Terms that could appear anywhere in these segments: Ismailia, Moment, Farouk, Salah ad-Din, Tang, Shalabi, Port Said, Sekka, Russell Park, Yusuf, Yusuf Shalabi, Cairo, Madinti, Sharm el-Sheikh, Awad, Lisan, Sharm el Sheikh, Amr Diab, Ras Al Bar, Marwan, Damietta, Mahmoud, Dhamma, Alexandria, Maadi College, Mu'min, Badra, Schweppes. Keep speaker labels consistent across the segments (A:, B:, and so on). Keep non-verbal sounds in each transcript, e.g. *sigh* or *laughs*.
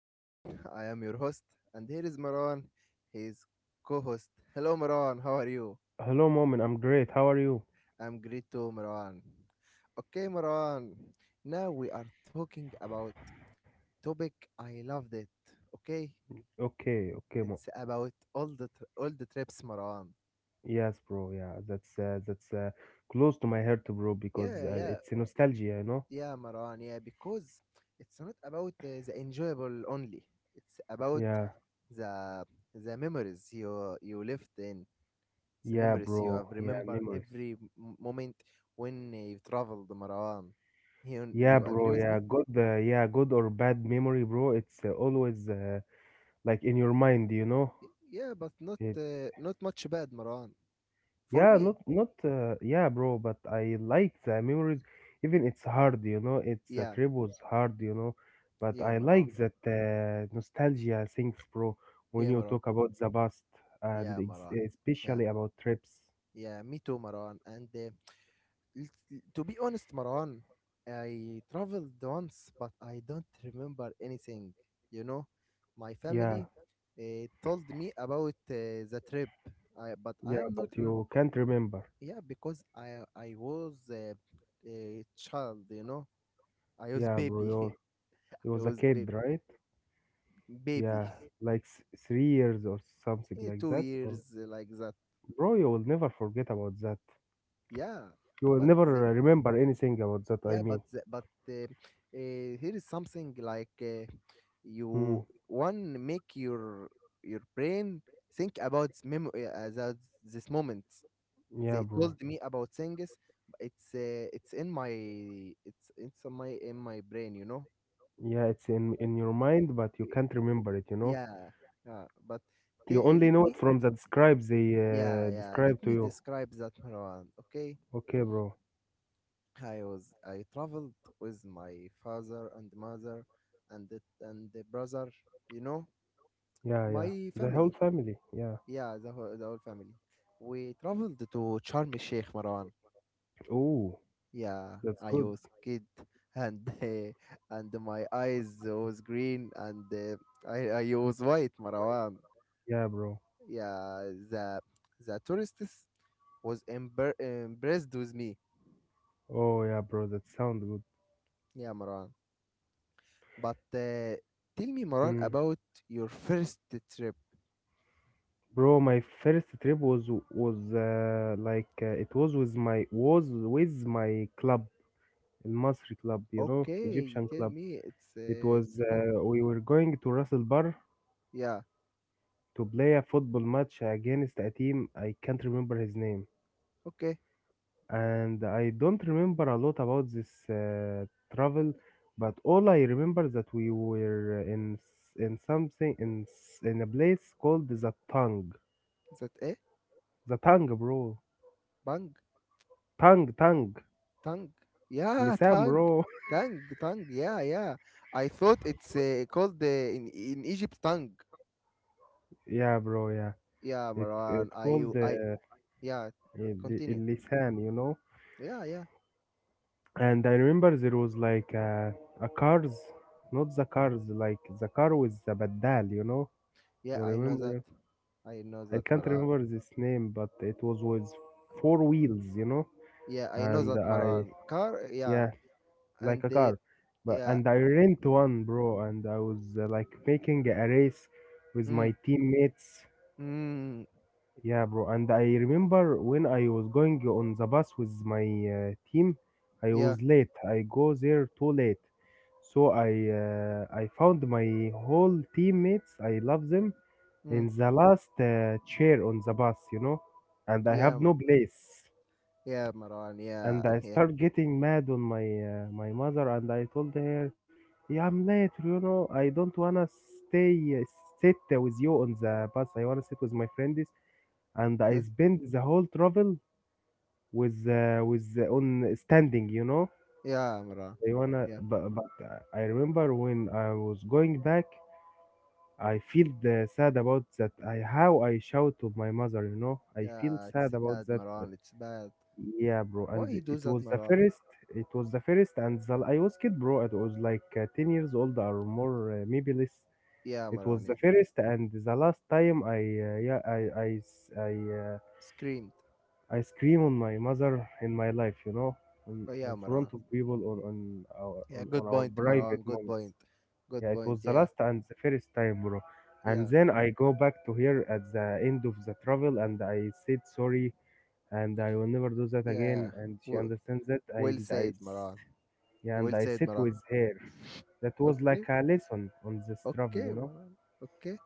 A: I am Mu'min, I am your host, and here is Marwan, his co-host. Hello Marwan, how are you?
B: Hello, Moment. I'm great. How are you?
A: I'm great too, Marwan. Okay, Marwan, now we are talking about topic I loved it. Okay,
B: Okay, okay, Mo.
A: it's about all the trips, Marwan.
B: Yes, bro. Yeah, that's close to my heart, bro, because
A: Yeah, yeah,
B: it's a nostalgia, you know?
A: yeah, Marwan. Yeah, because it's not about the enjoyable only. It's about
B: Yeah,
A: the the memories you lived in the
B: yeah,
A: memories you
B: bro.
A: have,
B: Yeah,
A: remember
B: memories.
A: every moment when you traveled, Marwan. you,
B: Yeah,
A: you agree
B: bro.
A: with
B: Yeah,
A: me?
B: good. Yeah, good or bad memory, bro. It's always like in your mind, you know?
A: Yeah, but not
B: It.
A: uh, not much bad, Marwan, for
B: Yeah, not
A: me.
B: not uh, yeah, bro, but I like the memories. Even it's hard. It's the
A: Yeah,
B: trip was hard. But
A: yeah,
B: I
A: Marwan.
B: like that nostalgia things, bro. When
A: Yeah,
B: you
A: Marwan.
B: talk about the past and
A: Yeah,
B: ex
A: Marwan. Yeah,
B: especially about trips,
A: yeah, me too, Marwan, and to be honest, Maran, I traveled once, but I don't remember anything. You know, my
B: yeah,
A: family told me about the trip, but I
B: yeah.
A: am not
B: But
A: remember.
B: you can't remember,
A: Yeah, because I was a child. You know, I was
B: yeah, bro.
A: baby.
B: You
A: *laughs* I
B: was a
A: was
B: kid, right?
A: baby,
B: Yeah, like s 3 years or
A: *laughs*
B: something like
A: Two
B: that. Or
A: years like that.
B: bro, you will never forget about that.
A: Yeah,
B: You will
A: but they.
B: never remember anything about that. I
A: Yeah,
B: mean,
A: but here is something like
B: hmm,
A: you one make your brain think about memory about this moment.
B: yeah,
A: They
B: bro.
A: told me about things. It's in my in my brain. You know.
B: Yeah, it's in
A: Right.
B: in your mind, but you
A: Y-
B: can't remember it.
A: Yeah, yeah. But t-
B: You only
A: let
B: know it
A: me
B: from the describes they
A: yeah, yeah, let
B: describe to
A: me
B: you.
A: describe that, Marwan. Okay.
B: Okay, bro.
A: I traveled with my father and mother, and the, and the brother, you know,
B: Yeah, yeah.
A: my
B: The whole
A: family.
B: family. Yeah.
A: Yeah, the whole family. We traveled to Sharm el-Sheikh, Marwan.
B: Oh,
A: Yeah,
B: that's
A: I
B: good.
A: was kid *laughs* and my eyes was green, and I was white, Marwan.
B: Yeah, bro.
A: Yeah, the the tourists was impressed with me.
B: Oh, yeah, bro. That sound good.
A: Yeah, Marwan. But tell me, Marwan,
B: Hmm.
A: about your first trip.
B: Bro, my first trip was like it was with my club, Al Masri club, you know,
A: Okay,
B: Egyptian
A: tell
B: club.
A: me, it's
B: It
A: uh,
B: was
A: it's good.
B: we were going to Ras Al Bar
A: Yeah,
B: to play a football match against a team I can't remember his name.
A: okay.
B: And I don't remember a lot about this
A: Uh,
B: travel, but all I remember that we were in something in a place called the Tang.
A: That, eh?
B: The Tang, bro.
A: Bang,
B: Tang, Tang.
A: tongue. Yeah,
B: Lisan,
A: tongue,
B: bro. *laughs*
A: tongue, tongue. Yeah, yeah. I thought it's called in Egypt tongue.
B: Yeah, bro. Yeah.
A: Yeah,
B: It it
A: Marwan.
B: called
A: I
B: the
A: yeah. Continue.
B: Lisan, you know.
A: Yeah, yeah,
B: And I remember there was like a cars, not the cars, like the car with the badal, you know. You
A: yeah. I know that.
B: remember?
A: I know
B: I
A: that,
B: can't
A: Marwan.
B: remember this name, but it was with four wheels.
A: Yeah, I know
B: And
A: that,
B: I,
A: Marwan. Car, yeah,
B: yeah, like
A: and
B: a car. But
A: yeah,
B: and I rent one, bro. And I was like making a race with
A: mm,
B: my teammates.
A: mm,
B: Yeah, bro. And I remember when I was going on the bus with my team, I
A: yeah,
B: was late. I go there too late. So I found my whole teammates. I love them
A: mm,
B: in the last chair on the bus, and I
A: yeah,
B: have no place.
A: Yeah, Marwan, yeah,
B: And I
A: *laughs* yeah.
B: start getting mad on my mother, and I told her, "Yeah, I'm late. I don't wanna stay uh, sit with you on the bus. I wanna sit with my friends." And I spend the whole travel with on standing.
A: Yeah, Maran.
B: I wanna,
A: Yeah,
B: but I remember when I was going back, I feel the sad about that. I how I shout to my mother. I feel
A: yeah, it's
B: sad about
A: bad,
B: that.
A: Maran. It's bad.
B: Yeah, bro.
A: Why
B: And
A: you do
B: it
A: that,
B: was the
A: Maran?
B: first. It was the first, and I was kid, bro. It was like 10 years old or more, maybe less.
A: Yeah,
B: It
A: Maran.
B: was
A: Yeah,
B: the first and the last time I uh, yeah I I s- I, uh,
A: screamed.
B: I scream on my mother in my life, you know, on,
A: Oh yeah,
B: on front
A: Maran.
B: of people on our on,
A: Yeah,
B: on
A: good
B: our
A: point,
B: private
A: Maran. Good
B: moments.
A: point.
B: Yeah,
A: Good
B: it was
A: point.
B: the
A: Yeah,
B: last and the first time, bro. And
A: yeah,
B: then I go back to here at the end of the travel and I said sorry and I will never do that
A: yeah.
B: again. And she
A: W-
B: understands that.
A: well
B: And
A: said, Maran.
B: yeah,
A: Well
B: and I
A: said,
B: sit
A: Maran.
B: with her. That was like
A: Okay,
B: a lesson on this travel, you
A: okay,
B: know?
A: Maran. Okay.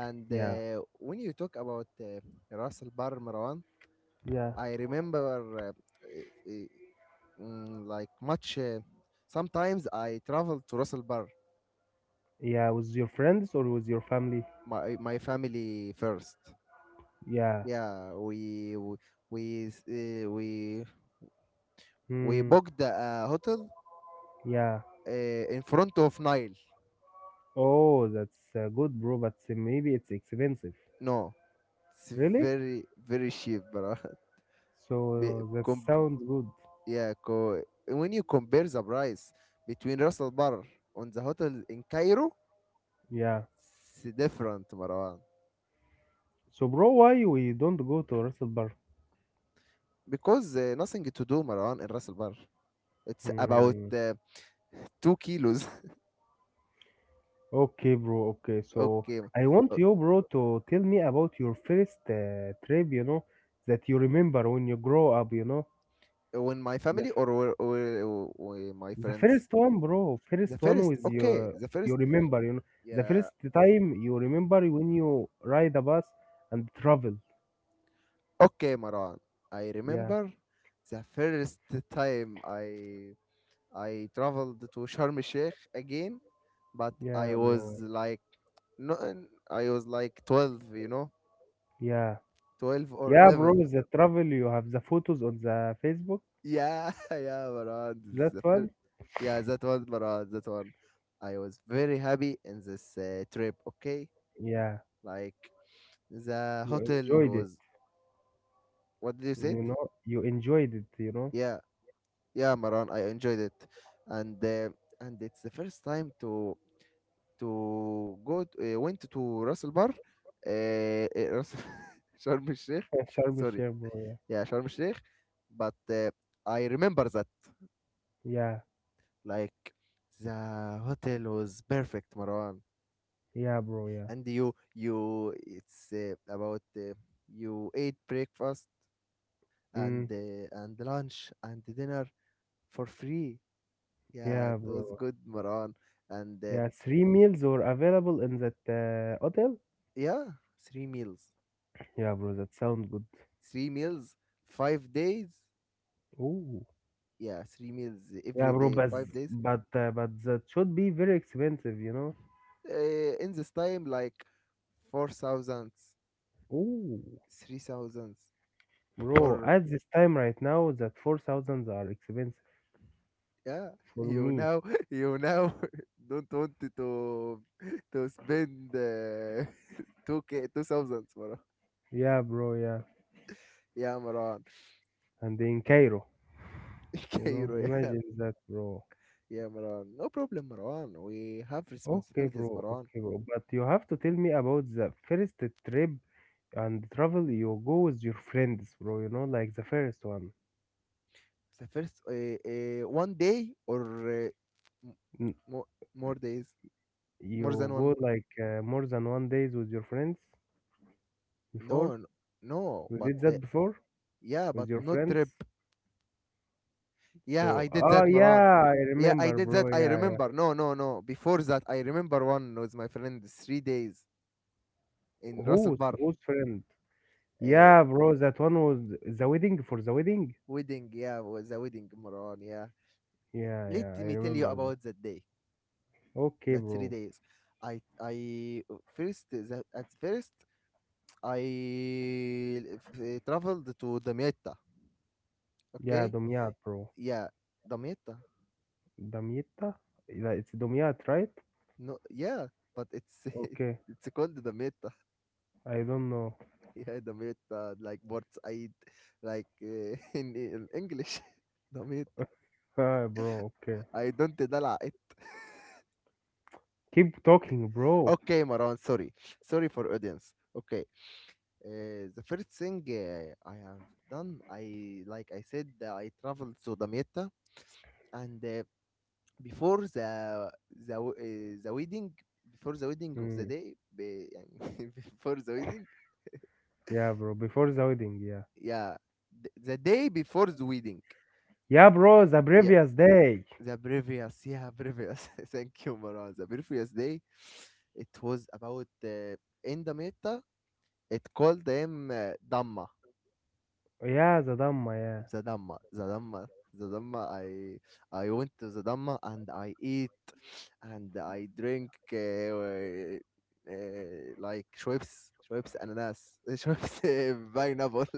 A: And
B: Yeah,
A: when you talk about Ras Al Bar, Maran,
B: yeah,
A: I remember uh, uh, like much. Sometimes I travel to Ras Al Bar,
B: yeah. With your friends or with your family?
A: my family first.
B: Yeah,
A: Yeah, we s- uh, we, we
B: hmm,
A: booked a hotel
B: yeah.
A: uh, in front of Nile.
B: Oh, that's good, bro, but maybe it's expensive.
A: No, it's
B: Really?
A: very very cheap, bro. *laughs* Be-
B: So that
A: com-
B: sounds good.
A: yeah, when you compare the price between Ras Al Bar and the hotel in Cairo,
B: Yeah.
A: it's different, Marwan.
B: So, bro, why we don't go to Russell Park?
A: Because nothing to do, Marwan, in Ras Al Bar. It's about
B: Hmm.
A: 2 kilos.
B: Okay, bro. Okay,
A: *laughs*
B: so
A: Okay,
B: I want you, bro, to tell me about your first trip. You know that you remember when you grow up. You know
A: when my
B: the f-
A: family, or my
B: the
A: friends,
B: first one, bro. First one with your
A: the
B: you
A: first,
B: remember. You know the
A: yeah.
B: first time you remember when you ride a bus and travel.
A: Okay, Maran, I
B: Yeah,
A: remember the first time I traveled to Sharm el Sheikh again. But I
B: yeah,
A: was
B: bro.
A: like, no, I was like 12, you know,
B: Yeah,
A: 12 or
B: yeah, bro.
A: 11.
B: The travel you have the photos on the Facebook.
A: Yeah. *laughs* Yeah, Maran, this is
B: That
A: the first.
B: one.
A: Yeah, that one, Maran, that one. I was very happy in this trip. Okay,
B: Yeah,
A: like the
B: you
A: hotel
B: enjoyed it.
A: was. What did you say?
B: You know, you enjoyed it, you know?
A: Yeah, yeah, Maran, I enjoyed it, and it's the first time to go to, Ras Al Bar, Ras *laughs* Sharm El Sheikh.
B: *laughs* Sharm el
A: Sorry,
B: Sheikh, bro, yeah.
A: yeah, Sharm El Sheikh. But I remember that
B: Yeah,
A: like the hotel was perfect, Maran,
B: yeah, bro, yeah.
A: and you it's about you ate breakfast, and
B: Mm,
A: lunch and dinner for free. Yeah, it
B: yeah,
A: was
B: bro.
A: good, Maran. And
B: Yeah, three meals were available in that hotel.
A: yeah, three meals.
B: Yeah, bro, that sounds good.
A: Three meals, 5 days.
B: Ooh.
A: Yeah, three meals
B: Yeah,
A: every
B: bro,
A: day,
B: but
A: 5 days.
B: but uh, but that should be very expensive, you know?
A: Uh, in this time, like 4,000,
B: Ooh.
A: 3,000,
B: Bro,
A: four.
B: at this time right now, that 4,000 are expensive
A: Yeah, *laughs*
B: for
A: you
B: me.
A: now, *laughs* you now *laughs* don't want to spend *laughs* 2,000, Maran.
B: Yeah, bro, yeah.
A: Yeah, Maran.
B: And in Cairo,
A: *laughs*
B: you know,
A: Cairo.
B: imagine that, bro.
A: Yeah, Maran. No problem, Maran. We have
B: Okay,
A: responsibilities,
B: bro.
A: Maran.
B: Okay, bro. But you have to tell me about the first trip and travel you go with your friends, bro. You know, like the first one.
A: The first one day, or uh, m-
B: N-
A: more more days, more
B: You
A: than
B: go
A: one.
B: like more than one days with your friends before.
A: No n- no
B: You
A: but
B: did that before
A: yeah,
B: with
A: but
B: your
A: no trip.
B: friends.
A: Yeah,
B: So,
A: I did that, Maran.
B: yeah, I
A: Yeah, I
B: remember,
A: did that,
B: bro.
A: I
B: Yeah, yeah.
A: remember. No, no, no, before that I remember one with my friend, 3 days in Ras Al
B: Who's
A: Bar.
B: who's friend?
A: uh,
B: Yeah, bro. That one was the wedding for the wedding.
A: Wedding, yeah, was a wedding, Maran, yeah.
B: Yeah,
A: Let
B: yeah, I
A: me tell you
B: remember that.
A: about that day.
B: Okay,
A: That three
B: bro.
A: days I first that at first I traveled to Damietta.
B: Yeah,
A: Okay,
B: Dumyat, bro.
A: yeah, Damietta.
B: Damietta? That it's Damiat, right?
A: No, yeah, but it's
B: Okay.
A: *laughs* it's called Damietta. *laughs*
B: I don't know. *laughs*
A: Yeah, Damietta, like Port Said, like *laughs* in English, *laughs* Damietta.
B: Bro, okay.
A: I don't دلع it.
B: Keep talking, bro.
A: Okay, Maran, sorry, sorry for audience. Okay, the first thing I have done, I like I said, I traveled to Damietta, and before the wedding, before the wedding of
B: Hmm.
A: the day, be يعني *laughs* before the wedding.
B: Yeah, bro. Before the wedding, yeah.
A: Yeah, the day before the wedding.
B: Yeah, bro, the
A: Yeah,
B: previous day.
A: the previous, yeah, previous, *laughs* thank you, Marwan, the previous day. It was about, in the meta it called them, Dhamma,
B: Yeah, the Dhamma, yeah.
A: the Dhamma, the Dhamma, the Dhamma. I went to the Dhamma and I eat and I drink like Schweppes, Schweppes ananas, *laughs* Schweppes, *laughs* pineapple, *laughs*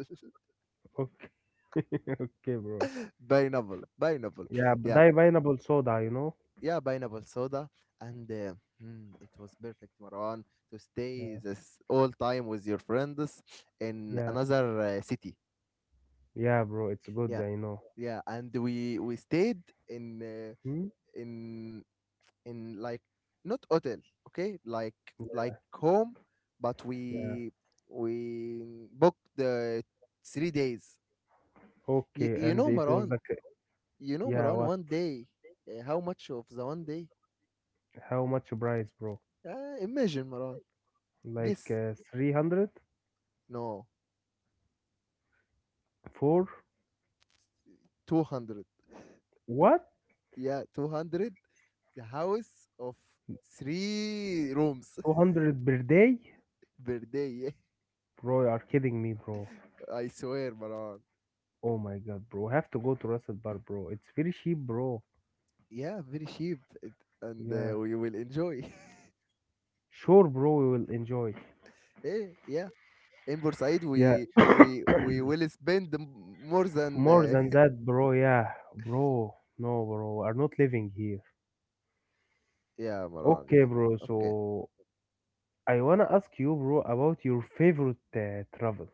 B: Okay. *laughs* Okay, bro.
A: pineapple, pineapple.
B: Yeah, but
A: Yeah,
B: that pineapple soda, you know?
A: yeah, pineapple soda and. It was perfect, Marwan, to stay
B: Yeah.
A: this all time with your friends in
B: Yeah.
A: another city.
B: Yeah, bro, it's good,
A: Yeah,
B: I know.
A: yeah, and we stayed in
B: Hmm?
A: in in like, not hotel, okay? Like home, but
B: Yeah.
A: we booked the 3 days. You,
B: Okay,
A: you
B: and
A: know,
B: it was
A: Maran,
B: like,
A: you know,
B: yeah,
A: Maran.
B: what?
A: One day, how much of the one day?
B: How much price, bro?
A: Imagine, Maran.
B: Like
A: Guess.
B: 300
A: No,
B: for
A: 200.
B: what?
A: Yeah, 200. The house of three rooms
B: 200 per day?
A: *laughs* per day. Yeah,
B: Bro, you are kidding me, bro.
A: I swear, Maran.
B: Oh my god, bro. I have to go to Russell Bar, bro. It's very cheap, bro.
A: Yeah, very cheap, it, and
B: Yeah.
A: we will enjoy. *laughs*
B: Sure, bro, we will enjoy.
A: Eh, yeah. In Bursaid,
B: Yeah,
A: we will spend more than
B: more than that, bro. Yeah, bro. No, bro, are not living here.
A: *laughs* yeah, Maran,
B: Okay,
A: yeah.
B: bro.
A: Okay,
B: So I wanna ask you, bro, about your favorite travel.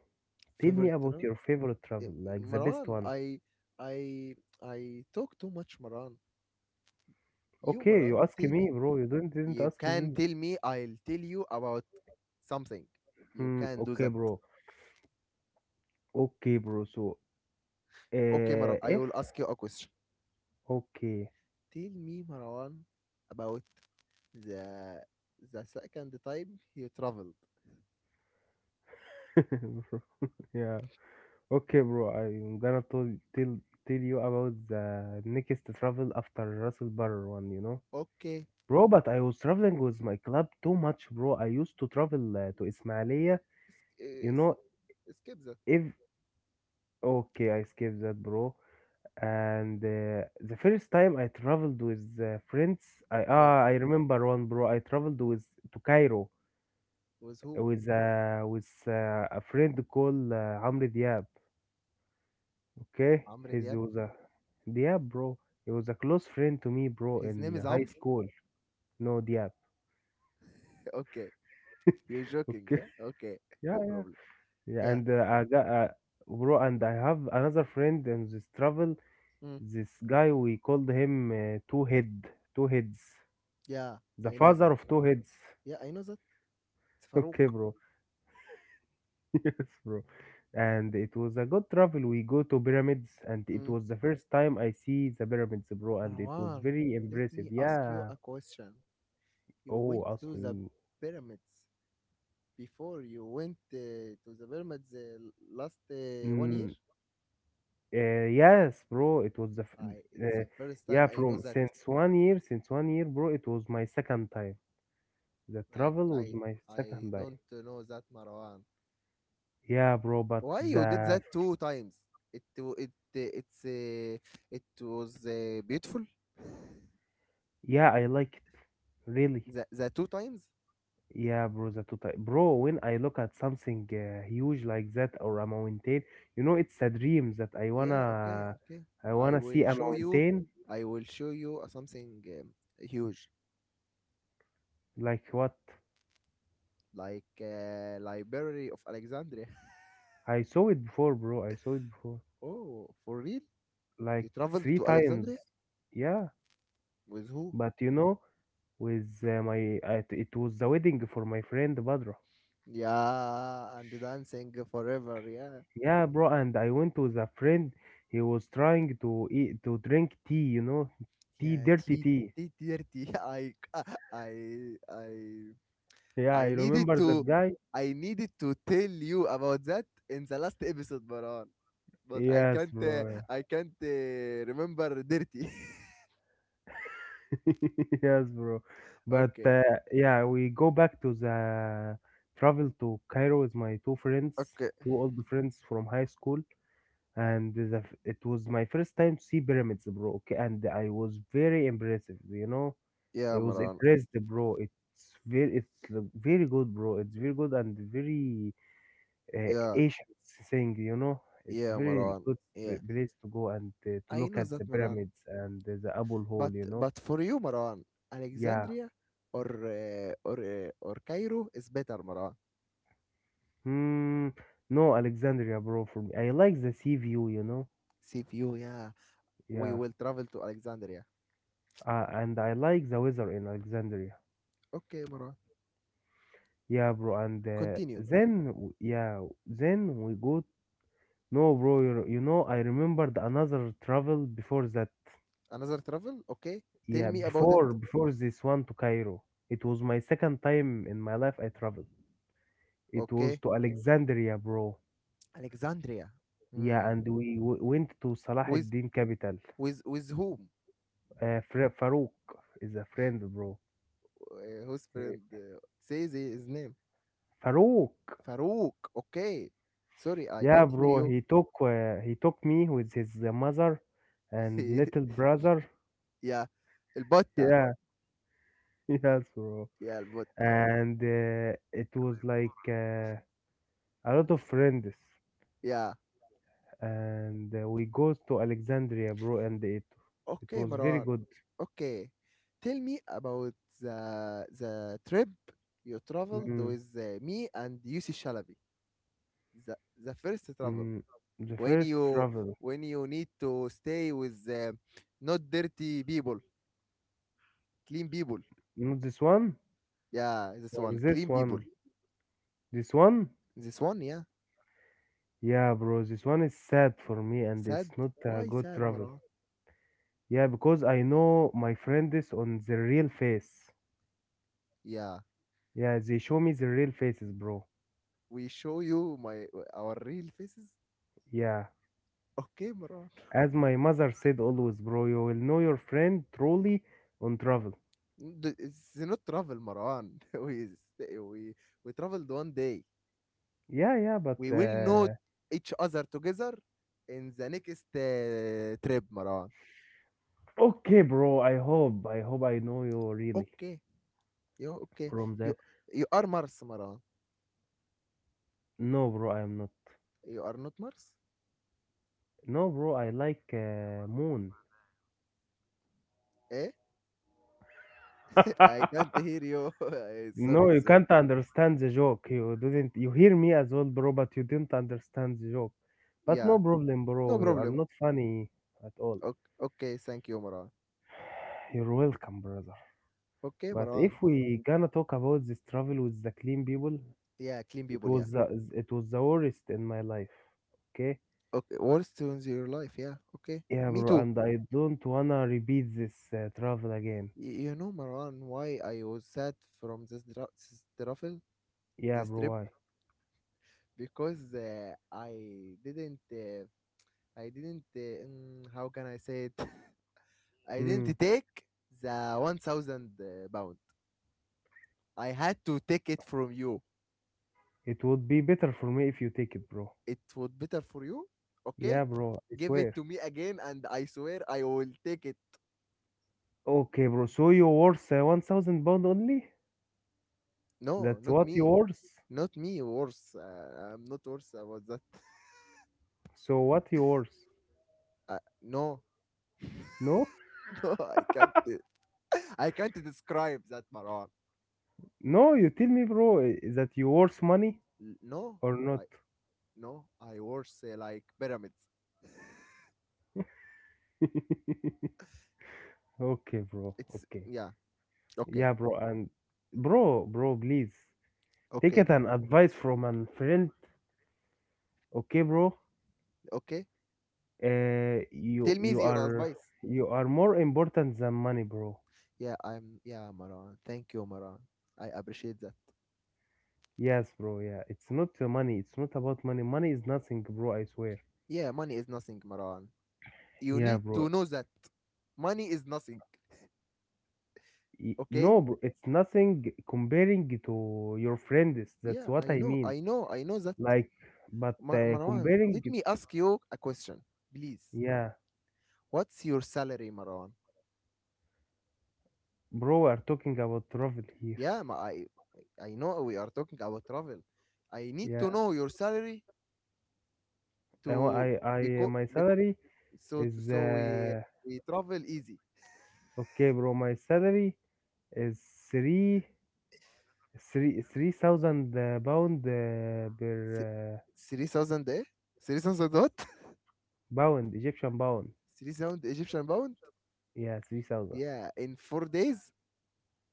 B: Tell me
A: favorite
B: about
A: travel.
B: your favorite
A: Eh,
B: travel, like the best
A: Maran,
B: one.
A: I I talk too much, Maran. You,
B: Okay,
A: Maran,
B: you ask
A: tell me.
B: me, bro. You didn't
A: You
B: ask
A: can
B: me.
A: tell me, I'll tell you about something, you
B: Hmm.
A: can do
B: Okay,
A: that.
B: bro. Okay, bro. So,
A: Okay, Maran, I
B: if
A: will ask you a question,
B: okay,
A: tell me, Maran, about the the second time you traveled.
B: *laughs* Bro, *laughs* yeah. Okay, bro. I'm gonna tell tell you about the next travel after Russell Barr one. You know,
A: Okay.
B: bro. But I was traveling with my club too much, bro. I used to travel to
A: *laughs*
B: Ismailia.
A: Eh,
B: You
A: s-
B: know,
A: eh, s- skip that.
B: if okay, I skipped that, bro. And the first time I traveled with friends, I
A: Yeah,
B: ah I remember one, bro. I traveled with to Cairo
A: with who?
B: with a friend called Amr Diab. Okay,
A: Amr
B: he
A: Diab.
B: was a Diab, bro. He was a close friend to me, bro,
A: His name
B: in
A: is
B: high
A: Amr?
B: school. No Diab.
A: *laughs* Okay. You're joking,
B: Okay. *laughs*
A: yeah? Okay. *laughs*
B: Yeah,
A: No
B: yeah.
A: problem.
B: Yeah,
A: Yeah.
B: and I got bro, and I have another friend in this travel.
A: Mm.
B: This guy we called him Two Head, Two Heads,
A: Yeah,
B: the
A: I know
B: father
A: that.
B: of Two Heads.
A: Yeah, I know that. It's
B: *laughs*
A: Farouk.
B: Okay, bro. *laughs* Yes, bro. And it was a good travel. We go to pyramids, and it
A: Mm.
B: was the first time I see the pyramids, bro. And it was
A: Marwan,
B: very
A: let
B: impressive.
A: me ask you
B: Yeah.
A: a question. You
B: Oh,
A: went
B: ask
A: to the
B: me.
A: pyramids before you went to the pyramids last one year?
B: Mm. Yes, bro, it was
A: It's
B: uh,
A: the first time
B: yeah,
A: I know
B: from
A: that.
B: since one year, bro, it was my second time. The
A: I,
B: travel was
A: I,
B: my second
A: I
B: time.
A: don't know that, Marwan.
B: Yeah, bro, but
A: Why you did
B: the
A: that two times? It w- it it's It was beautiful.
B: yeah, I like it really.
A: The two times?
B: Yeah, bro, the total bro. When I look at something huge like that or a mountain, it's a dream that I
A: Yeah, okay,
B: wanna,
A: okay.
B: I
A: I
B: wanna see
A: will
B: a
A: show you.
B: mountain
A: I will show you something huge,
B: like what
A: like Library of Alexandria. *laughs*
B: I saw it before, bro. I saw it before
A: Oh, for real?
B: like
A: You traveled
B: three
A: to
B: times.
A: Alexandria
B: Yeah,
A: with who?
B: but you know. With my it was the wedding for my friend Badra.
A: Yeah, and dancing forever. Yeah,
B: Yeah, bro, and I went with a friend. He was trying to drink tea, you know, tea,
A: yeah.
B: dirty
A: T
B: tea.
A: T dirty. *laughs* I I I
B: Yeah,
A: I
B: I
A: needed
B: remember
A: to
B: that guy.
A: I needed to tell you about that in the last episode, Baran. But
B: Yes, bro.
A: I can't remember dirty.
B: Yeah. *laughs* Yes, bro.
A: *laughs*
B: But
A: Okay.
B: yeah, we go back to the travel to Cairo with my two friends,
A: Okay.
B: two old friends from high school, and it was my first time to see pyramids, bro. Okay, and I was very impressive.
A: Yeah,
B: I was
A: Maran.
B: impressed, bro. It's very, it's l- very good, bro. It's very good and very
A: Yeah.
B: Asian thing. It's
A: Yeah,
B: very
A: Maran.
B: good
A: Yeah.
B: place to go and to
A: I
B: look
A: know
B: at
A: that,
B: the
A: Maran.
B: pyramids and the Abul
A: But
B: Hole.
A: but for you, Maran,
B: Yeah.
A: Alexandria or Cairo is better, Maran.
B: Hmm. No, Alexandria, bro. For me, I like the sea view.
A: See you, yeah. We
B: Yeah.
A: will travel to Alexandria.
B: And I like the weather in Alexandria.
A: Okay, Maran.
B: Yeah, bro. And
A: Continue.
B: then, yeah, then we go. No, bro. I remembered another travel before that.
A: Another travel, okay? Tell
B: Yeah,
A: me about it,
B: before this one to Cairo, it was my second time in my life I traveled. It was
A: okay?
B: to Alexandria, bro.
A: Alexandria.
B: Yeah,
A: Mm.
B: and we went to Salah
A: With
B: ad-Din capital.
A: with whom?
B: Farouk is a friend, bro.
A: Whose
B: Uh,
A: friend says his name?
B: Farouk.
A: Farouk. Okay. Sorry, I
B: Yeah,
A: can't hear
B: bro.
A: you.
B: He took me with his mother and
A: *laughs*
B: little brother.
A: Yeah, البطة.
B: Yeah, *laughs* yes, bro.
A: Yeah, البطة. Yeah.
B: And it was like a lot of friends.
A: Yeah.
B: And we go to Alexandria, bro, and it
A: Okay,
B: was very
A: Marwan.
B: good.
A: Okay. Tell me about the trip you traveled
B: Mm,
A: with me and Yusuf Shalabi. The the first travel,
B: mm, the
A: when
B: first
A: you
B: travel,
A: when you need to stay with not dirty people, clean people.
B: not this one
A: Yeah, this
B: or
A: one.
B: this
A: Clean people.
B: one, this one.
A: This one, yeah.
B: Yeah, bro, this one is sad for me, and it's
A: Sad.
B: not a
A: Why
B: good
A: sad,
B: travel.
A: Maran?
B: Yeah, because I know my friend is on the real face.
A: Yeah.
B: Yeah, they show me the real faces, bro.
A: We show you my, our real faces.
B: Yeah,
A: Okay, Maran.
B: as my mother said always, bro, you will know your friend truly on travel.
A: It's not travel, Maran. *laughs* we traveled one day.
B: Yeah, yeah, but
A: We will know each other together in the next trip, Maran.
B: okay, bro. I hope. I hope I know you really
A: Okay. You okay?
B: from the.
A: You you are Mars, Maran.
B: No, bro. I am not.
A: You are not Mars.
B: No, bro. I like moon.
A: Eh? *laughs* I can't
B: *laughs*
A: hear you. *laughs*
B: No,
A: Sorry,
B: you
A: sorry.
B: can't understand the joke. You didn't. You hear me as well, bro, but you didn't understand the joke. But
A: Yeah.
B: no problem,
A: No
B: bro. You are
A: problem.
B: not funny at all.
A: Okay, okay, thank you, Marwan.
B: You're welcome, brother.
A: Okay,
B: But
A: Marwan.
B: if we gonna talk about this travel with the clean people,
A: Yeah, clean
B: it
A: people, yeah.
B: was the, it was the worst in my life. Okay?
A: Okay, what turns your life, yeah. Okay,
B: Yeah,
A: me
B: bro.
A: too.
B: And I don't wanna repeat this travel again.
A: You know, Marwan, why I was sad from this truffle,
B: Yeah,
A: this
B: bro,
A: trip?
B: why?
A: Because I didn't, how can I say it? *laughs* I didn't
B: Hmm.
A: take the 1,000 pound. I had to take it from you.
B: It would be better for me if you take it, bro.
A: It was better for you, okay?
B: Yeah, bro, I
A: Give it
B: swear.
A: to me again, and I swear I will take it.
B: Okay, bro. So you worth 1,000 pound only?
A: No,
B: That's
A: not
B: what you
A: me.
B: worth?
A: Not me, worse. I'm not worse about that. *laughs*
B: So what you worth?
A: No,
B: No?
A: *laughs* no, I can't. *laughs* I can't describe that, Marwan.
B: No, you tell me, bro, that you worth money
A: No,
B: or
A: I
B: not?
A: no, I worse like pyramids. *laughs*
B: *laughs* Okay, bro.
A: It's
B: Okay.
A: yeah. Okay,
B: Yeah, bro. And bro, bro, please take
A: okay,
B: it an advice from a friend. Okay, bro.
A: okay.
B: Uh, you
A: Tell me
B: you
A: your
B: are
A: advice.
B: you are more important than money, bro.
A: Yeah, I'm yeah, Marwan. Thank you, Marwan. I appreciate that.
B: Yes, bro. Yeah, it's not money. It's not about money. Money is nothing, bro. I swear.
A: Yeah, money is nothing, Marwan. You
B: Yeah,
A: need
B: bro.
A: to know that money is nothing. Okay.
B: No, bro. It's nothing comparing to your friends. That's
A: Yeah,
B: what
A: I
B: I
A: know,
B: mean.
A: I know, I know that.
B: Like, but
A: Marwan,
B: comparing.
A: let me ask you a question, please.
B: Yeah,
A: What's your salary, Marwan?
B: bro. We're talking about travel here.
A: Yeah, I know we are talking about travel. I need
B: Yeah.
A: to know your salary
B: I, wa-
A: to
B: I- My
A: because
B: salary is
A: so we travel easy.
B: okay, bro. My salary is three, three thousand pound
A: Si-
B: per
A: 3,000, eh? 3,000 what?
B: pound, Egyptian pound.
A: *laughs* 3,000 Egyptian pound?
B: Yeah, 3,000.
A: Yeah, in 4 days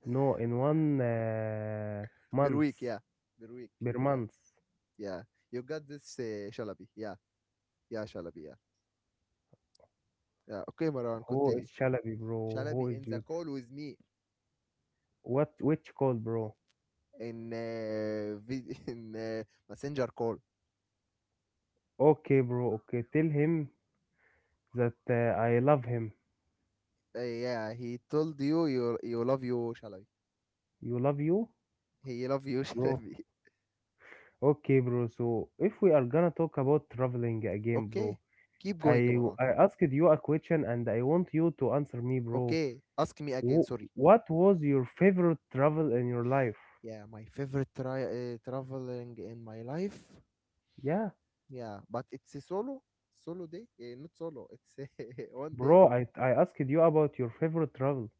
B: No, in one
A: per week.
B: month
A: Yeah, per week.
B: per
A: Yeah,
B: month.
A: yeah. You got this, Shalabi. Yeah, yeah, Shalabi. Yeah, yeah. Okay, Marwan,
B: Who
A: continue.
B: is Shalabi, bro? Who
A: Shalabi
B: is
A: in the
B: you?
A: call with me
B: What? Which call, bro?
A: in *laughs* in messenger call.
B: Okay, bro. Okay, tell him that I love him.
A: Yeah, he told you love you Shalabi.
B: You love you,
A: He love you *laughs*
B: bro.
A: Shalabi.
B: Okay, bro. So if we are gonna talk about traveling again, bro,
A: Okay, keep going,
B: I
A: Maran.
B: I asked you a question and I want you to answer me, bro.
A: Okay, ask me again.
B: Wh-
A: Sorry.
B: what was your favorite travel in your life?
A: Yeah, my favorite traveling in my life.
B: Yeah,
A: Yeah, but it's a solo day. Not solo. It's *laughs* one day.
B: bro. I asked you about your favorite travel.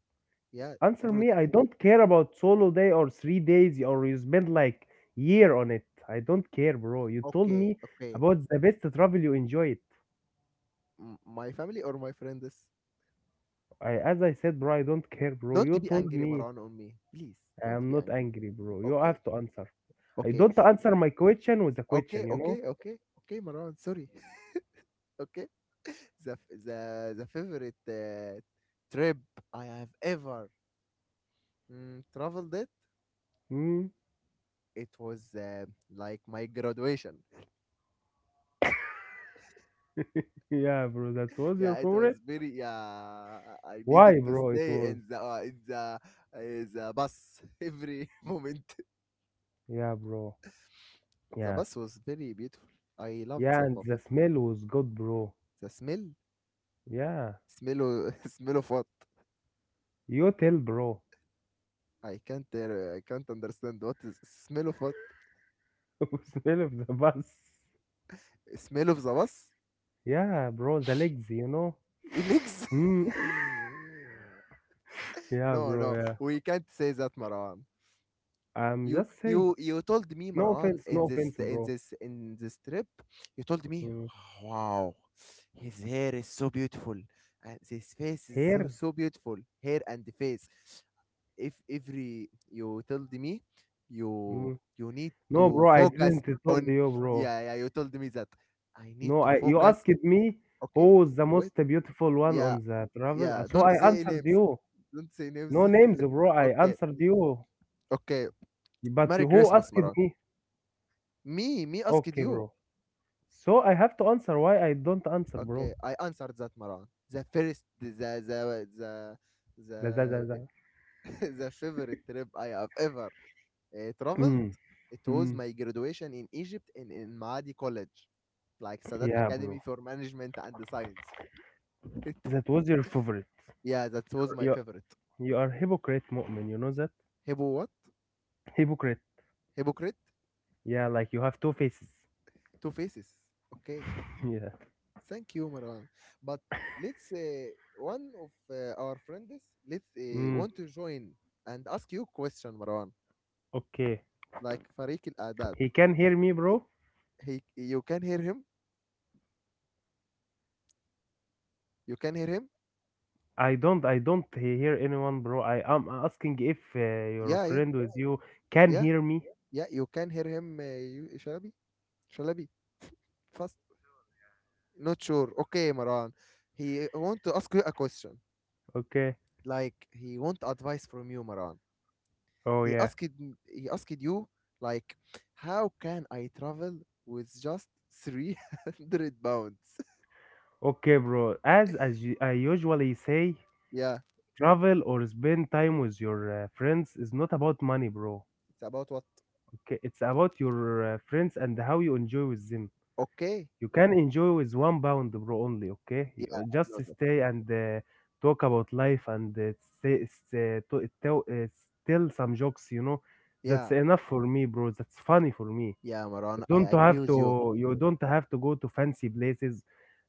A: Yeah,
B: Answer
A: favorite.
B: me, I don't care about solo day or 3 days or you spend like year on it. I don't care, bro. You told
A: Okay,
B: me
A: okay.
B: about the best travel you enjoy it.
A: My family or my friends.
B: I, as I said, bro, I don't care, bro. You
A: Don't be
B: told
A: angry,
B: me
A: Marwan, on me. Please,
B: I
A: don't
B: am
A: be
B: not
A: angry.
B: angry, bro. You
A: Okay,
B: have to answer. I
A: okay,
B: don't answer my question with a
A: okay,
B: question, you know?
A: okay, okay, okay, Marwan, sorry. *laughs* Okay, the f- the favorite trip I have ever traveled it.
B: Mm?
A: It was like my graduation.
B: *laughs* Yeah, bro, that
A: *laughs*
B: was your
A: Yeah, it was
B: favorite?
A: very. Yeah, I needed
B: Why,
A: to
B: bro? It
A: stay
B: was.
A: in the uh, in the uh, the bus *laughs* every moment.
B: Yeah, bro.
A: The
B: Yeah.
A: bus was very beautiful. I loved
B: Yeah,
A: the
B: and
A: bus.
B: the smell was good, bro.
A: The smell,
B: Yeah.
A: *laughs* smell of what?
B: You tell, bro.
A: I can't understand what is smell of what
B: *laughs* Smell of the bus.
A: smell of the bus
B: Yeah, bro, the legs.
A: legs.
B: Mm. *laughs*
A: *laughs*
B: Yeah,
A: no,
B: bro,
A: no,
B: yeah.
A: we can't say that, Marwan.
B: I'm
A: You
B: just saying.
A: you you told me,
B: No
A: Marwan,
B: offense,
A: in
B: no
A: this
B: offense,
A: in
B: bro.
A: this in this trip, you told me,
B: Mm.
A: wow, his hair is so beautiful, and his face is
B: Here?
A: so beautiful, hair and the face. If every you told me,
B: Mm.
A: you need
B: No,
A: to
B: bro, I
A: focus
B: didn't told
A: on,
B: you, bro.
A: yeah, yeah, you told me that I need
B: No,
A: to
B: I you
A: focus.
B: asked me
A: Okay,
B: who is the
A: wait.
B: most beautiful one
A: Yeah,
B: on the travel.
A: yeah.
B: So
A: Don't
B: I
A: say
B: answered
A: names.
B: you.
A: Don't say names.
B: No names, bro.
A: *laughs*
B: I
A: okay,
B: answered you.
A: okay.
B: But
A: Merry
B: who
A: Christmas,
B: asked
A: Maran.
B: me?
A: Me asked
B: Okay,
A: you.
B: bro. So I have to answer why I don't answer,
A: Okay,
B: bro.
A: I answered that, Maran. The first,
B: Da, da, da, da.
A: the, *laughs* the favorite trip I have ever traveled.
B: Mm.
A: It was
B: Mm.
A: my graduation in Egypt in Maadi College, like Sadat
B: Yeah, bro.
A: Academy for Management and Science. *laughs*
B: That was your favorite.
A: yeah, that was my
B: You
A: favorite.
B: you are hypocrite, mu'min. You know that?
A: Hebo what?
B: Hypocrite.
A: Hypocrite.
B: Yeah, like you have two faces.
A: Two faces. Okay.
B: *laughs* Yeah.
A: Thank you, Marwan. But let's one of our friends let's
B: Mm,
A: want to join and ask you question, Marwan.
B: okay.
A: Like Farik Al Adad.
B: He can
A: *laughs*
B: hear me, bro.
A: You can hear him. You can hear him.
B: I don't hear anyone, bro. I am asking if your
A: Yeah, yeah,
B: friend with you can
A: yeah,
B: hear me.
A: yeah. You can hear him. Shalabi, Shalabi. *laughs* Fast. Not sure. Okay, Maran. He want to ask you a question.
B: Okay.
A: Like he want advice from you, Maran.
B: Oh yeah.
A: He asked you, like, how can I travel with just 300 pounds? *laughs*
B: Okay, bro. As you, I usually say,
A: Yeah.
B: travel or spend time with your friends is not about money, bro.
A: It's about what?
B: Okay, it's about your friends and how you enjoy with them.
A: Okay.
B: You can enjoy with 1 pound, bro, only, okay?
A: Yeah, I
B: Just
A: know that.
B: stay and talk about life and say, say, to, tell, uh, tell some jokes, you know? That's
A: Yeah.
B: enough for me, bro. That's funny for me.
A: Yeah,
B: You
A: Maran, I
B: don't
A: agree
B: have
A: with you.
B: to, you don't have to go to fancy places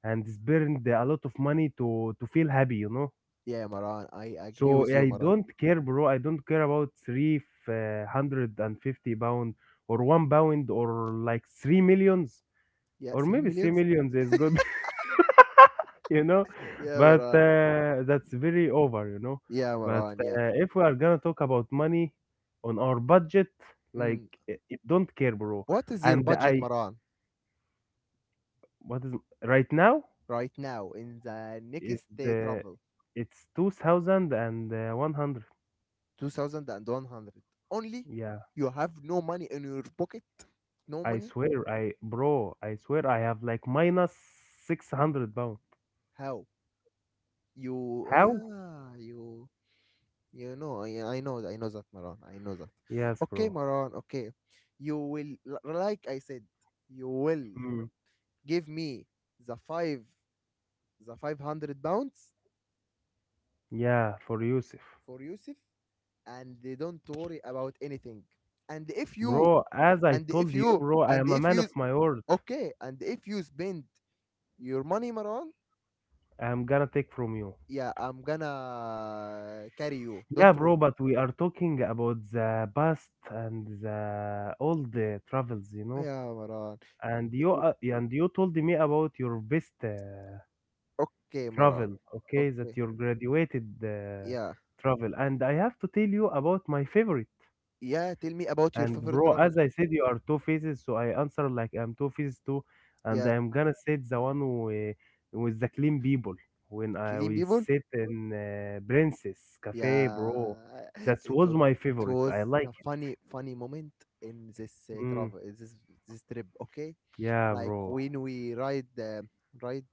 B: and spend a lot of money to feel happy, you know?
A: Yeah, Maran, I agree
B: So
A: with you,
B: I
A: Maran.
B: don't care, bro. I don't care about 350 pound or 1 pound or like three millions,
A: Yeah,
B: or
A: three
B: maybe three
A: millions?
B: millions is good, *laughs* you know
A: *laughs* Yeah,
B: but
A: Maran.
B: that's very over.
A: Yeah,
B: But
A: Maran, yeah.
B: if we are gonna talk about money on our budget, like
A: Mm.
B: it don't care, bro.
A: What is your
B: And
A: budget,
B: I
A: Maran,
B: what is right now
A: right now in the
B: is
A: next day
B: the
A: travel?
B: it's 2100.
A: 2,100. Only?
B: Yeah,
A: You have no money in your pocket? No
B: I
A: money?
B: swear, I bro, I swear I have like minus 600 pound.
A: How? Oh,
B: How?
A: yeah, you, I know that, Maran. I know that.
B: Yes,
A: Okay,
B: bro.
A: Maran. Okay, like I said, you will
B: Mm.
A: give me the five, the 500 pounds
B: Yeah, for Yusuf.
A: for Yusuf, and they don't worry about anything. And if you,
B: Bro, as I
A: and if
B: told you,
A: you,
B: bro, I
A: and
B: am a
A: if
B: man of
A: you,
B: my word.
A: okay, and if you spend your money, Maran,
B: I'm gonna take from you.
A: yeah, I'm gonna carry you.
B: Yeah,
A: Don't
B: bro,
A: worry.
B: but we are talking about the past and the all the travels.
A: Yeah, Maran.
B: And you told me about your best
A: Okay, Maran.
B: travel, okay, that
A: Okay.
B: your graduated
A: Yeah.
B: travel. And I have to tell you about my favorite.
A: Yeah, tell me about your
B: And
A: favorite
B: bro,
A: travel.
B: as I said, you are two faces, so I answer like I'm two faces too, and
A: Yeah.
B: I'm gonna say the one with, the clean people when I
A: Killing
B: we
A: people?
B: sit in Princess Cafe,
A: Yeah.
B: bro. That
A: *laughs* It,
B: was
A: wa-
B: my
A: it
B: favorite. I
A: was
B: like
A: the
B: it.
A: funny, funny moment in this
B: Mm,
A: travel, in this trip, okay?
B: yeah,
A: Like
B: bro.
A: when we ride the ride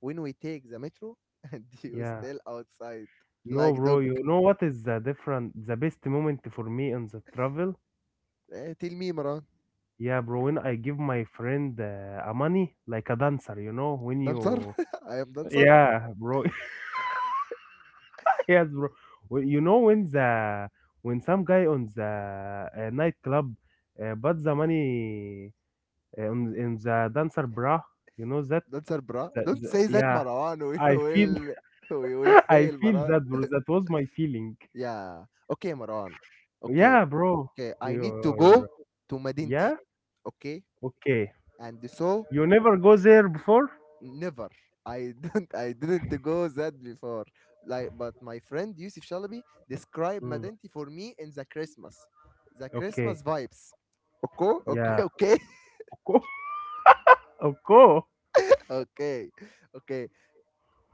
A: when we take the metro *laughs* and you
B: Yeah.
A: still outside
B: No,
A: like
B: bro.
A: dog.
B: You know what is the different, the best moment for me on the travel?
A: Eh, tell me, Maran.
B: Yeah, bro. When I give my friend a money like a dancer, you know, when
A: Dancer?
B: you,
A: *laughs* I am dancer.
B: yeah, bro. *laughs* Yes, bro. Well, you know when the when some guy on the nightclub but the money on in the dancer bra, you know that?
A: Dancer, bra. Don't say that,
B: Yeah,
A: Maran. *laughs*
B: I feel
A: We
B: *laughs*
A: will
B: I
A: fail.
B: feel that, bro. That was my feeling.
A: Yeah. Okay, Maran. Okay.
B: Yeah, bro.
A: Okay. I need to
B: You're
A: go to Madinti.
B: yeah.
A: Okay.
B: Okay.
A: And so
B: You never go there before?
A: never. I don't *laughs* I didn't go that before. Like but my friend Yusuf Shalabi described
B: Mm.
A: Madinti for me in the Christmas. The
B: Okay.
A: Christmas vibes. Okay? Okay, *laughs*
B: Yeah.
A: okay.
B: Okay. *laughs* Okay.
A: Okay. Okay.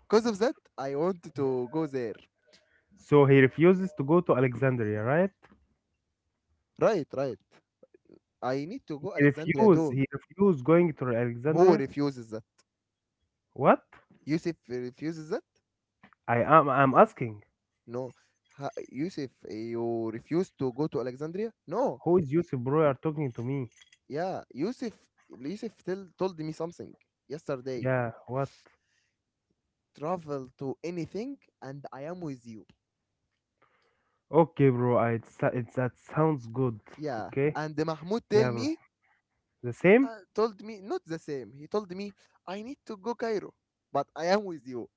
A: Because of that, I want to go there.
B: So he refuses to go to Alexandria, right?
A: Right, right. I need to go
B: He
A: Alexandria
B: refused.
A: too.
B: He refused going to
A: Who
B: Alexandria.
A: refuses that?
B: What?
A: Yusuf refuses that?
B: I'm asking
A: No. Yusuf, you refuse to go to Alexandria? No.
B: who is
A: Y-
B: Yusuf, bro? You're talking to me.
A: yeah, Yusuf told me something yesterday.
B: Yeah, what?
A: Travel to anything and I am with you.
B: Okay, bro. I, it's that sounds good.
A: Yeah.
B: Okay.
A: And Mahmoud
B: Yeah, bro. The same,
A: told me, not the same. He told me, I need to go Cairo, but I am with you.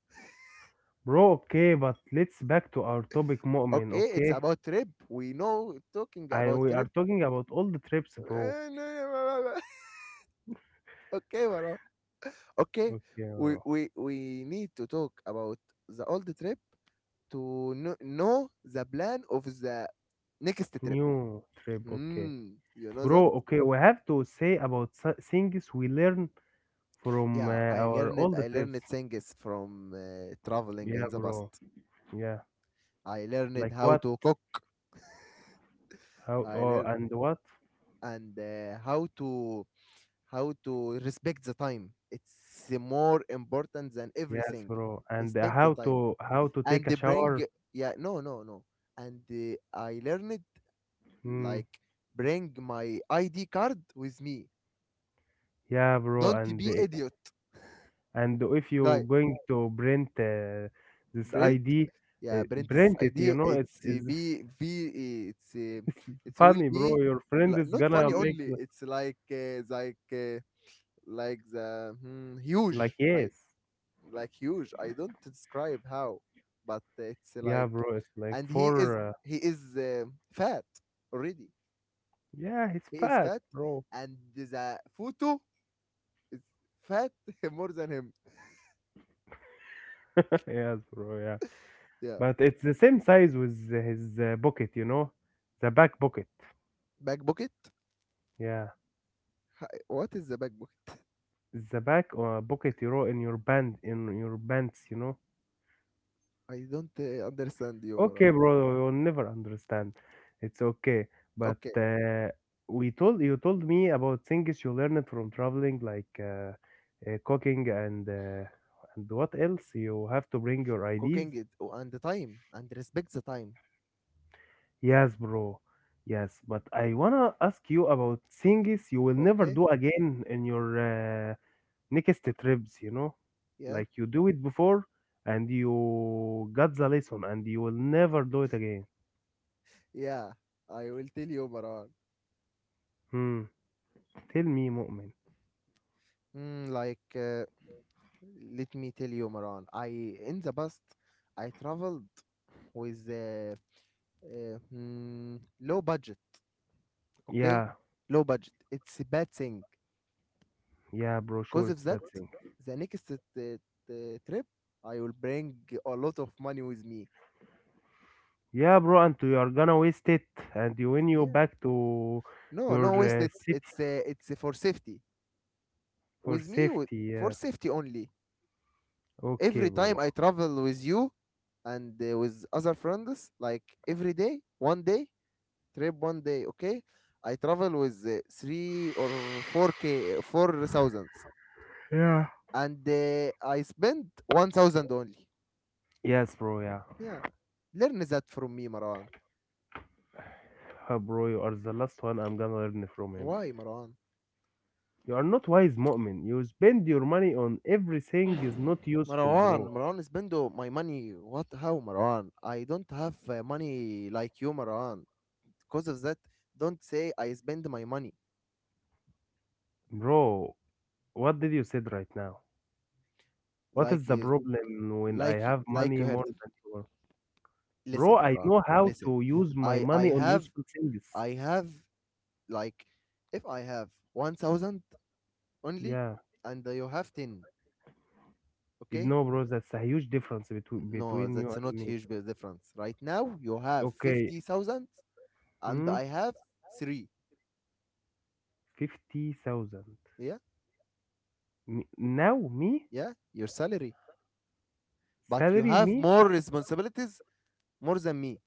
B: bro. Okay, but let's back to our topic, Mu'min.
A: Okay, it's
B: Okay.
A: about trip. We know talking
B: I
A: about
B: We are
A: trip. *laughs*
B: talking about all the trips, bro.
A: Eh, no, no, no, no, no. *laughs* okay, Marwan. Okay,
B: Okay,
A: we,
B: bro.
A: we, we need to talk about the old trip to know the plan of the next trip.
B: New trip. Okay,
A: You know that?
B: bro. Okay, we have to say about things we learn from
A: Yeah,
B: our all the
A: I
B: trips.
A: learned things from traveling
B: Yeah,
A: in the past.
B: bro. Yeah.
A: I learned
B: Like
A: how
B: what?
A: to cook.
B: How?
A: I
B: Oh,
A: learned
B: and what?
A: and how to respect the time. It's more important than
B: Yes,
A: everything.
B: bro. And
A: Respect the
B: how
A: time
B: to how to
A: and
B: take a
A: they bring,
B: shower?
A: yeah, no, no, no, and I learned,
B: Mm,
A: like, bring my ID card with me.
B: yeah, bro.
A: Don't
B: And
A: be idiot.
B: and if you
A: Guy,
B: going to print this
A: Brent.
B: ID, uh,
A: Yeah, Brent is
B: print it. You
A: idea.
B: know,
A: It's
B: it's
A: be v.
B: *laughs* it's
A: It will
B: funny, bro.
A: be
B: Your friend is
A: not
B: gonna
A: funny
B: make
A: only.
B: the-
A: It's like the
B: Like
A: huge. I
B: yes,
A: like huge. I don't describe how, but it's
B: yeah,
A: like,
B: bro. It's like
A: and
B: for
A: he is fat already.
B: yeah, he's
A: He is
B: fat,
A: fat,
B: bro.
A: and the photo is fat *laughs* more than him.
B: *laughs* Yes, bro. Yeah,
A: Yeah,
B: but it's the same size with his pocket. You know, the back pocket.
A: back pocket.
B: Yeah,
A: What is the back pocket?
B: the back pocket. You know, in your bands. You know.
A: I don't understand you, Marwan.
B: Okay, bro, you'll never understand. It's okay. But
A: Okay,
B: uh, we told you told me about things you learned from traveling, like cooking and and what else? You have to bring your IDs.
A: cooking it, oh, and the time and respect the time.
B: Yes, bro. Yes, but I wanna ask you about things you will never
A: Okay,
B: do again in your uh, next trips. You know,
A: yeah,
B: like you do it before, and you got the lesson, and you will never do it again.
A: yeah. I will tell you, Marwan.
B: Hmm. Tell me, Mu'min.
A: Like, let me tell you, Marwan. I In the past, I traveled with low budget. Okay,
B: Yeah.
A: low budget. It's a bad thing.
B: Yeah, bro,
A: Because
B: sure,
A: of
B: it's
A: that,
B: bad thing.
A: the next trip, I will bring a lot of money with me.
B: Yeah, bro, and you are gonna waste it, and you win you back to
A: No,
B: your
A: no wasted.
B: city
A: It's for safety.
B: for
A: With me,
B: safety.
A: for
B: Yeah,
A: safety only.
B: okay,
A: Every time
B: bro.
A: I travel with you and with other friends, like every day, one day trip, one day. Okay, I travel with three or four k, four thousands,
B: Yeah.
A: and I spend 1,000 only.
B: Yes, bro, yeah.
A: Yeah, learn that from me, Marwan.
B: Bro, you are the last one I'm gonna learn from him.
A: Why, Marwan?
B: You are not wise, mu'min. You spend your money on everything is not useful,
A: Marwan,
B: bro.
A: Marwan is spending my money. What? How, Marwan? I don't have money like you, Marwan. Because of that, don't say I spend my money
B: Bro, what did you said right now? What is
A: like
B: the
A: you,
B: problem when I have
A: like
B: money
A: you heard.
B: more than you? Bro,
A: Listen,
B: I
A: Marwan.
B: know how
A: Listen,
B: to use my
A: I I
B: money on
A: have
B: useful things.
A: I have, like, if I have 1,000 only,
B: Yeah,
A: and you have 10. Okay?
B: no, bro, that's a huge difference between
A: No,
B: between you
A: that's
B: and
A: not
B: me.
A: huge big difference. Right now, you have
B: Okay,
A: 50,000, and
B: hmm,
A: I have three.
B: 50,000.
A: Yeah,
B: Me, now me
A: yeah. Your salary. But you
B: salary
A: have
B: me
A: more responsibilities more than me.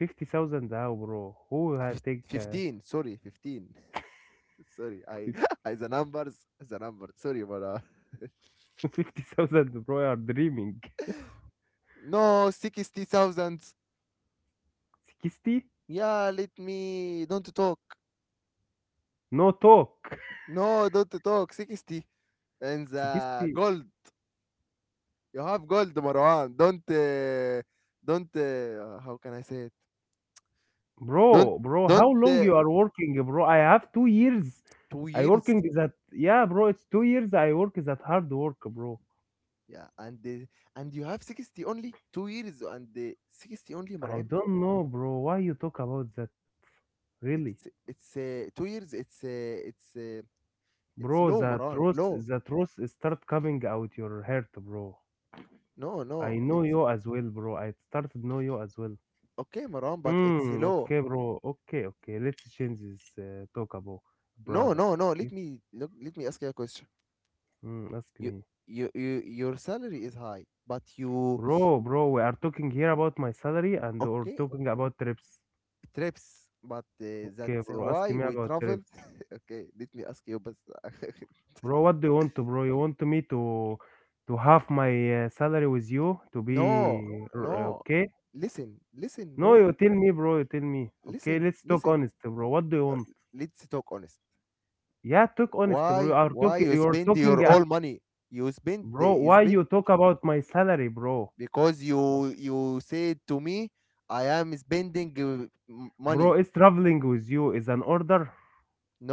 B: 50,000 now, bro. Who I take
A: 15, sorry, 15. *laughs* Sorry, I, the numbers, the number, sorry, but
B: *laughs* 50,000, bro? You are dreaming.
A: *laughs* no, 60,000,
B: 60?
A: yeah, let me don't talk.
B: No talk.
A: No, don't talk, 60, and the
B: 60,
A: gold. You have gold, Marwan. Don't How can I say it? don't
B: bro, bro. How
A: don't
B: long
A: uh,
B: you are working, bro? I have 2 years.
A: two
B: I
A: years
B: working that yeah, bro. It's 2 years. I work that hard work, bro.
A: Yeah, and you have 60 only, 2 years, and 60 only,
B: I
A: Marwan,
B: don't know, bro. Why you talk about that? Really?
A: it's 2 years. It's
B: Bro,
A: low, Maran, low.
B: the truth is start coming out your heart, bro.
A: No, no,
B: I know
A: it's
B: you as well, bro. I started know you as well.
A: okay, Maran, but it's
B: Hmm.
A: low.
B: Okay, bro. Okay, okay. Let's change this talk about
A: No,
B: brother.
A: no, no,
B: Okay.
A: let me ask you a question.
B: Hmm. Ask
A: you
B: me,
A: you, you your salary is high, but you.
B: bro, bro. We are talking here about my salary and or
A: Okay,
B: talking about trips.
A: trips, but
B: Okay,
A: that's
B: bro. Ask
A: why
B: me
A: we
B: about
A: travel.
B: trips,
A: *laughs* Okay, let me ask you, but *laughs*
B: bro. What do you want to, bro? You want me to have my salary with you to be
A: no, no.
B: okay?
A: Listen, listen,
B: No,
A: bro.
B: you tell me, bro. You tell me. Okay,
A: Listen,
B: let's talk
A: listen.
B: honest, bro. What do you
A: Uh,
B: want?
A: let's talk honest.
B: Yeah, talk honest, bro. You are
A: Why
B: talking.
A: you
B: You are
A: spend
B: talking,
A: your all money?
B: bro.
A: You
B: Why you
A: spend.
B: talk about my salary, bro?
A: Because you said to me I am spending
B: Bro,
A: money.
B: it's traveling with you is an order.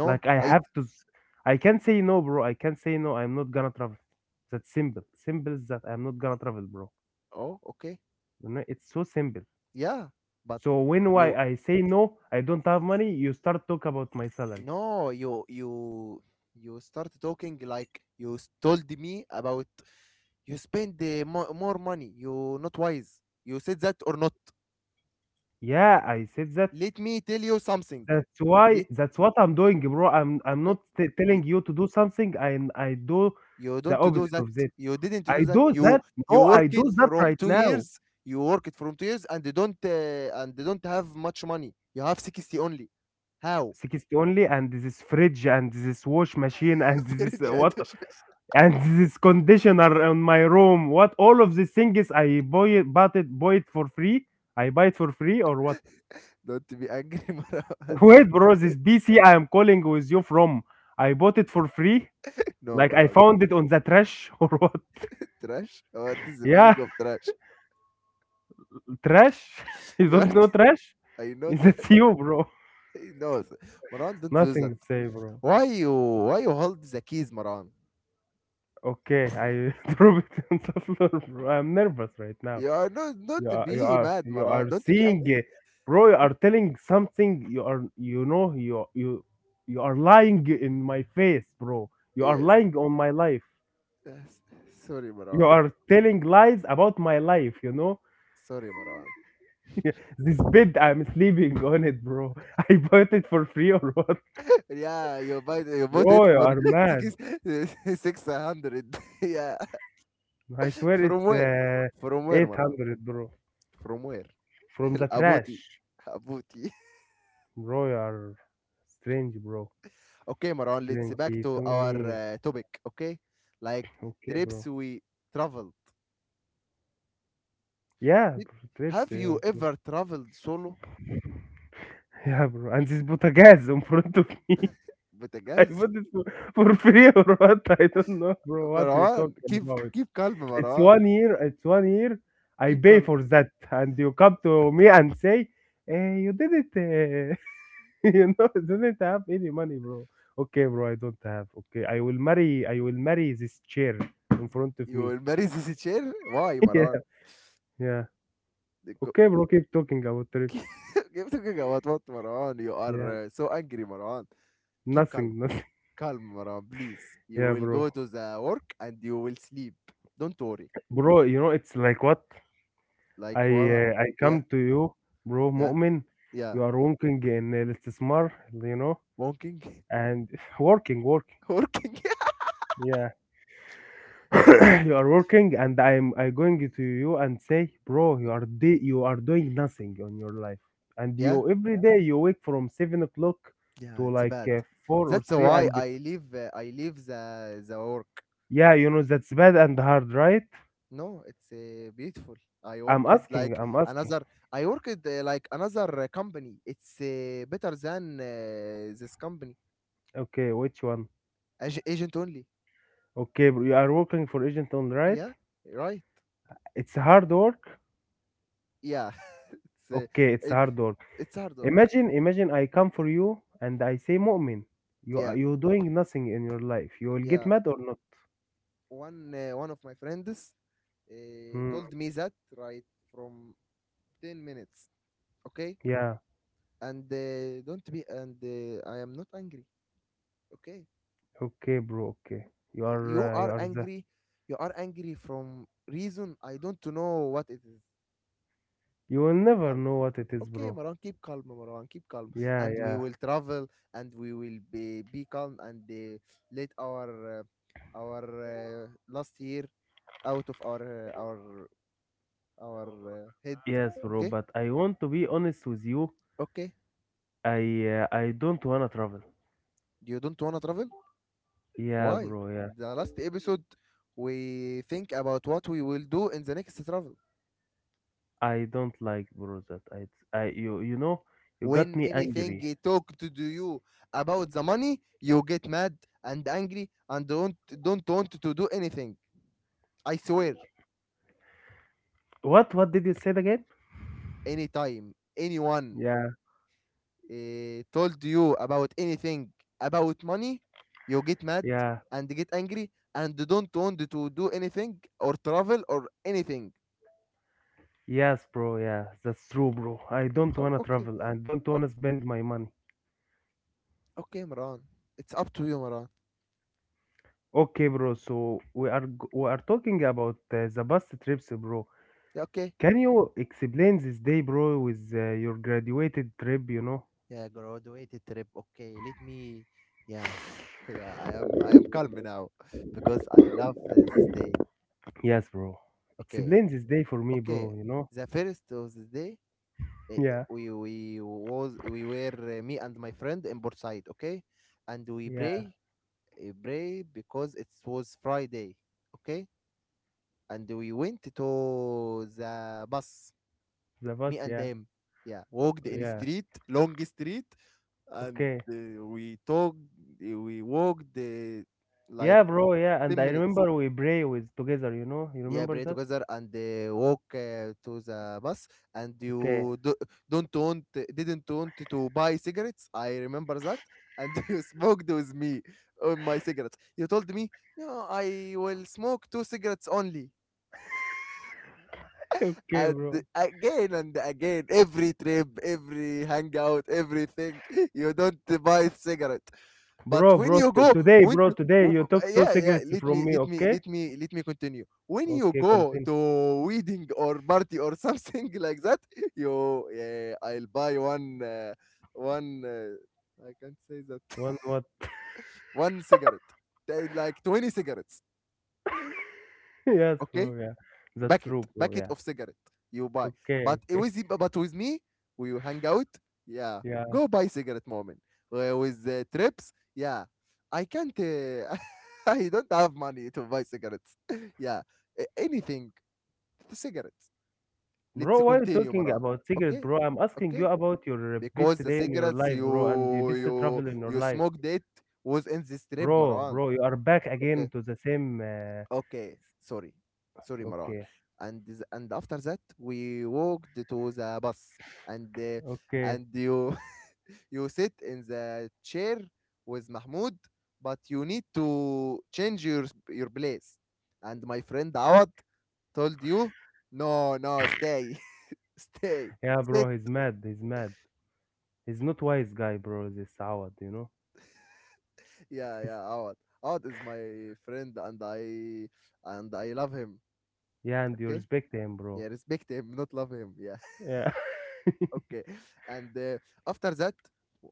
B: Like I
A: I.
B: have to. I can't say no, bro. I can't say no. I'm not gonna travel. That's simple. Simple is that I'm not gonna travel, bro.
A: Oh, okay.
B: You know, it's so simple.
A: Yeah, but
B: So when why
A: you.
B: I say no, I don't have money. You start talk about my salary.
A: No, you start talking, like you told me about, you spend more money, you not wise. You said that or not?
B: Yeah, I said that.
A: Let me tell you something. Let
B: That's what I'm doing, bro. I'm
A: Okay.
B: not telling you to do something, and I do
A: You
B: the
A: don't do
B: opposite
A: that.
B: of that.
A: You didn't do
B: I
A: that.
B: do
A: You
B: that.
A: you
B: No, I
A: worked
B: do that
A: from
B: right
A: two
B: now.
A: years. You worked from 2 years, and they don't have much money. You have 60 only. How?
B: 60 only, and this is fridge, and this is wash machine, and
A: *laughs*
B: this is
A: فرنجة
B: what,
A: قدوشة.
B: and this is conditioner on my room. What all of these things I buy it, bought it, buy it for free. I buy it for free or what?
A: Don't be angry, *laughs*
B: *laughs*
A: Maraz.
B: Wait, bro, this PC I am calling with you from. I bought it for free.
A: No,
B: Like I
A: Maraz.
B: found it on the trash *laughs* or what?
A: Trash? What is the meaning
B: Yeah.
A: of trash?
B: Trash? *laughs* You
A: You are,
B: don't know trash?
A: I
B: *laughs*
A: know trash. *laughs*
B: That's you, bro.
A: He knows. Maran, don't do
B: Nothing
A: that.
B: to say, bro.
A: Why you why you hold the keys, Maran?
B: Okay, I *laughs* drop it on the floor, bro. I'm nervous right now.
A: You are no
B: You
A: Don't
B: are, you
A: be
B: are,
A: mad,
B: you
A: Maran.
B: are
A: Don't be
B: seeing,
A: angry.
B: it. Bro. You are telling something. You are, you know, you are lying in my face, bro. You are
A: Yes.
B: lying on my life.
A: Yes. Sorry,
B: You
A: Maran.
B: are telling lies about my life. You know,
A: Sorry, Maran.
B: *laughs* this bed I'm sleeping on it, bro. *laughs* I bought it for free or what,
A: Yeah, you bought it
B: bro? You
A: for
B: are
A: *laughs*
B: mad.
A: six *laughs* 600. *laughs* Yeah,
B: I swear
A: from
B: it's
A: where? From where, Marwan?
B: 800, bro.
A: From where?
B: From the
A: *laughs* Abuti,
B: trash.
A: Abuti.
B: Bro, you are strange, bro.
A: *laughs* Okay, Marwan. Let's
B: Strange.
A: back
B: He
A: to
B: told
A: our
B: me,
A: topic. Okay, like
B: okay,
A: trips
B: bro.
A: we traveled.
B: Yeah,
A: Did-
B: bro. Trips.
A: Have
B: Yeah,
A: you
B: okay.
A: ever
B: *laughs*
A: traveled solo
B: Yeah, bro. And this Butagaz in front of me.
A: with a
B: *laughs* I
A: guys,
B: bought it for free or what? I don't know, bro.
A: *laughs*
B: What you
A: Marwan?
B: talking
A: Keep
B: about?
A: keep calm,
B: It's
A: Marwan.
B: 1 year. It's 1 year. I
A: Keep
B: pay
A: calm.
B: for that. And you come to me and say, eh, you did it. Eh." *laughs* you know, doesn't have any money, bro. Okay, bro, I don't have. Okay, I will marry. I will marry this chair in front of
A: You
B: me.
A: will marry this *laughs* chair. Why,
B: *laughs* yeah,
A: Marwan?
B: yeah.
A: The co-
B: Okay, bro, keep talking about trips.
A: *laughs* Keep talking about what, Marwan? You
B: Yeah,
A: are so angry, Marwan. Keep calm,
B: nothing. *laughs*
A: calm, Marwan, please. You
B: Yeah,
A: will
B: bro,
A: go to the work and you will sleep, don't worry.
B: bro. You know, it's like what I
A: Like, well,
B: I
A: yeah,
B: come to you, bro,
A: yeah,
B: Mu'min.
A: yeah,
B: You are working in الاستثمار, you know,
A: walking,
B: and *sighs* *laughs* working.
A: *laughs* working.
B: Yeah. *coughs* *clears throat* you are working and I'm I going to you and say, bro, you
A: *laughs*
B: are you are doing nothing on your life, and
A: Yeah,
B: you every day you wake from 7 o'clock
A: yeah,
B: to
A: it's
B: like
A: bad.
B: four or
A: That's
B: three,
A: why
B: and
A: I leave I leave the work.
B: yeah, you know that's bad and hard, right?
A: No, it's beautiful. i
B: I'm
A: worked
B: asking,
A: like
B: I'm asking.
A: another I worked like another company. It's better than this company.
B: Okay, which one?
A: Agent only.
B: Okay, bro, you are working for agent on right?
A: Yeah, right.
B: It's hard work.
A: Yeah, *laughs* it's
B: Okay, it's
A: it,
B: hard work.
A: it's hard work.
B: Imagine I come for you and I say, Mu'min, you are
A: Yeah,
B: you doing nothing in your life. You will get
A: yeah.
B: mad or not?
A: One of my friends
B: Hmm,
A: told me that, right, from 10 minutes. Okay,
B: yeah.
A: and don't be and I am not angry. Okay,
B: Okay, bro. Okay,
A: you
B: you
A: are
B: are the
A: angry. You are angry from reason I don't know what it is.
B: you will
A: Keep
B: never
A: calm.
B: know what it is,
A: Okay,
B: bro.
A: Maran, keep calm,
B: Yeah,
A: and we
B: yeah.
A: will travel, and we will be calm, and let our last year out of our head.
B: Yes, bro.
A: Okay,
B: But I want to be honest with you.
A: okay,
B: I I don't wanna travel.
A: you don't wanna travel.
B: Yeah,
A: Why?
B: bro. Yeah,
A: The last episode we think about what we will do in the next travel.
B: I don't like, bro. That I you you know you got
A: When
B: me
A: anything
B: angry.
A: you talk to do, you, about the money, you get mad and angry and don't want to do anything. I swear,
B: What did you say again?
A: anytime anyone
B: Yeah,
A: told you about anything about money, you get mad
B: yeah.
A: and get angry and don't want to do anything or travel or anything.
B: Yes, bro. Yeah, that's true, bro. I don't
A: خلاص
B: wanna
A: اوكي
B: travel. I don't
A: أو-
B: wanna spend my money.
A: اوكي يا مروان. اتس اب تو يو مروان.
B: Okay, bro. So we are talking about the bus trips, bro.
A: يا اوكي.
B: Can you explain this day, bro, with your graduated trip, you know?
A: يا graduated trip, okay, let me. Yeah, *laughs* yeah, I am calm now because I love this day.
B: Yes, bro.
A: Okay,
B: Explain this day for me,
A: okay,
B: bro, you know?
A: the first of the day,
B: *laughs* Yeah,
A: we was we were, me and my friend in Port, okay, and we
B: yeah,
A: pray, pray, because it was Friday, okay, and we went to the bus,
B: the
A: me
B: bus,
A: and
B: yeah,
A: them. Yeah, walked in
B: yeah,
A: street, long street, and
B: okay.
A: we talked. We walked like
B: Yeah, bro, yeah,
A: ten
B: and I
A: minutes.
B: remember we pray with together, you know? You
A: Yeah,
B: remember
A: pray
B: that?
A: together and walk to the bus. And
B: Okay,
A: you do, don't want, didn't want to buy cigarettes. I remember that. And *laughs* you smoked with me on my cigarettes. You told me, yeah, I will smoke two cigarettes only.
B: *laughs* okay, bro.
A: And again, every trip, every hangout, everything, *laughs* you don't buy cigarette.
B: Bro,
A: But when
B: bro,
A: you go,
B: today,
A: when
B: bro,
A: to,
B: today
A: w-
B: you
A: b-
B: took two
A: Yeah, yeah,
B: cigarettes
A: let me,
B: from me,
A: let me,
B: okay?
A: let me, let me continue. When you
B: Okay,
A: go
B: continue.
A: to wedding or party or something *laughs* like that, you, yeah, I'll buy I can't say that,
B: One
A: *laughs*
B: what?
A: one cigarette. They- like 20 cigarettes,
B: *laughs* yes,
A: okay?
B: bro, yeah. That's
A: packet
B: true, bro,
A: packet
B: yeah.
A: of cigarette you buy,
B: Okay, okay,
A: but with me, we hang out, yeah,
B: *laughs* yeah.
A: go buy cigarette moment. With the trips, yeah, I can't *laughs* I don't have money to buy cigarettes. *laughs* Yeah, anything, cigarettes. Let's
B: Bro, why are you
A: continue,
B: talking
A: Maran.
B: about cigarette,
A: Okay,
B: bro? I'm asking you
A: okay,
B: about your best
A: because the
B: day in your
A: cigarettes
B: life, bro, and the best
A: you
B: travel in your
A: you
B: life.
A: smoked, it was in this trip,
B: Bro,
A: Maran.
B: bro, you are back
A: Okay.
B: again to the same.
A: Okay, sorry. Sorry, Maran.
B: Okay,
A: And after that we walked to the bus and
B: okay.
A: you *laughs* you sit in the chair with Mahmoud, but you need to change your your place. And my friend Awad told you, no, no, stay, *laughs* stay,
B: Yeah, bro,
A: sit.
B: he's mad. He's mad. He's not wise guy, bro, this Awad, you know? *laughs*
A: Yeah,
B: He's,
A: yeah, Awad. Awad is my friend, and I love him.
B: yeah, and you
A: Okay,
B: respect him, bro.
A: yeah, respect him, not love him. Yeah.
B: Yeah.
A: *laughs*
B: *laughs*
A: Okay, and after that,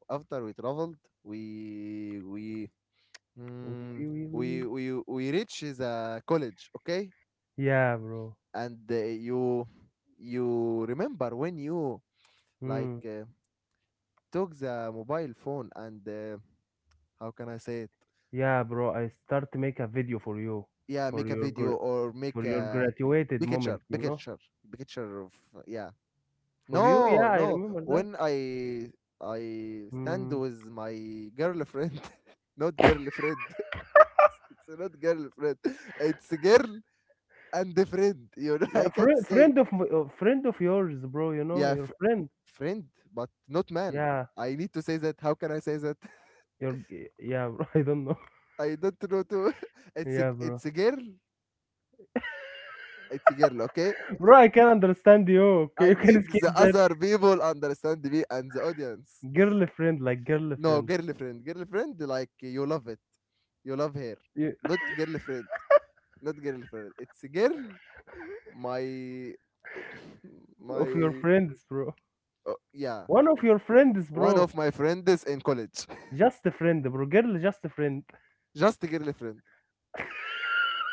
A: after we traveled, we we
B: Wee,
A: mm,
B: wee, wee, wee.
A: we we reach the college, okay,
B: Yeah, bro.
A: and you, you remember when you, like
B: Hmm.
A: took the mobile phone and how can I say it?
B: Yeah, bro, I start to make a video for you,
A: Yeah,
B: for
A: make a
B: your,
A: video or make
B: for your
A: a
B: graduated
A: picture
B: moment, you know?
A: picture picture of, yeah.
B: For you,
A: no
B: yeah, I
A: no
B: remember that.
A: When I stand
B: Mm.
A: with my girlfriend, *laughs* not girlfriend. It's not girlfriend. It's girl and a friend. *laughs* You know,
B: Yeah,
A: I can't say.
B: friend of my, friend of yours, bro. You know
A: Yeah,
B: your friend.
A: friend, but not man.
B: Yeah,
A: I need to say that. How can I say that?
B: your yeah, bro. *laughs* I don't know.
A: *laughs* I don't know to. *laughs*
B: Yeah, bro.
A: It's a girl. It's a girl. Okay.
B: Bro, I can understand you. Okay, you
A: I
B: can
A: need
B: skip
A: the
B: that
A: other people understand me and the audience.
B: girlfriend, like
A: No,
B: girlfriend.
A: girlfriend, girlfriend, like you love it. You love her.
B: You,
A: Not girlfriend. Not girlfriend. It's a girl. My, *laughs*
B: of your
A: my.
B: friends, bro.
A: Oh, yeah.
B: One of your friends,
A: One
B: bro.
A: of my friends in college.
B: Just a friend, bro. Girl, just a friend.
A: Just girlfriend.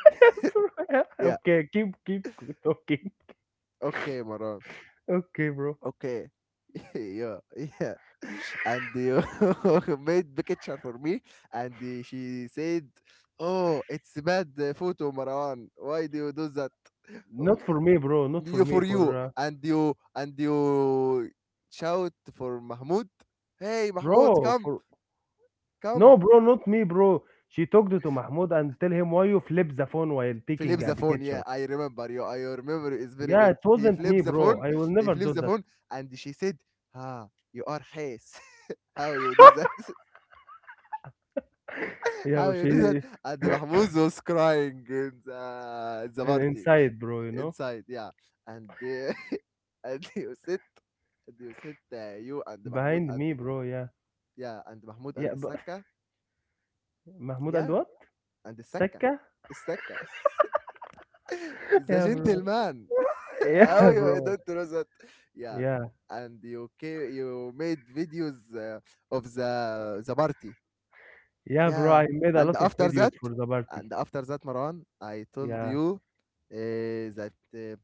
B: *laughs*
A: Yeah.
B: okay, keep talking.
A: Okay, Maran.
B: Okay, bro.
A: Okay. *laughs* yeah. Yeah. *laughs* And you *laughs* made the picture for me, and she said, "Oh, it's bad photo, Marwan. Why do you do that?" Oh,
B: Not for me, bro. Not for
A: You
B: me.
A: for
B: For
A: you, and you shout for Mahmoud. "Hey, Mahmoud,
B: bro.
A: come,
B: For No,
A: come."
B: bro, not me, bro. She talked to Mahmoud and tell him why you flip the phone while taking
A: Flips
B: a
A: the phone. Yeah,
B: picture.
A: I remember you. I, your memory is very
B: Yeah,
A: good.
B: it
A: He
B: wasn't me,
A: flips the
B: bro.
A: phone.
B: I will
A: He
B: never do
A: flips the
B: that. *laughs*
A: phone, and she said, "Ah, you are Hayes. How you do that? *laughs* How
B: Yeah,
A: you do that?"
B: she
A: And Mahmoud was crying in the party
B: inside, bro. You know,
A: inside, yeah. And *laughs* and you sit, you and Mahmoud,
B: behind
A: and
B: me, bro. Yeah,
A: yeah, and Mahmoud
B: yeah.
A: and the
B: But
A: Saka,
B: *laughs* Mahmoud and
A: yeah,
B: what?
A: and
B: Sekka?
A: the Saka, *laughs*
B: *laughs*
A: the
B: Yeah, bro.
A: gentleman. *laughs*
B: Yeah,
A: How
B: *laughs*
A: you
B: bro.
A: don't know that? Yeah,
B: Yeah,
A: and you made videos of the party.
B: yeah, bro.
A: Yeah.
B: I made a
A: And
B: lot of
A: after that,
B: videos for the
A: and
B: party.
A: after that, Maran, I told
B: Yeah.
A: you uh, that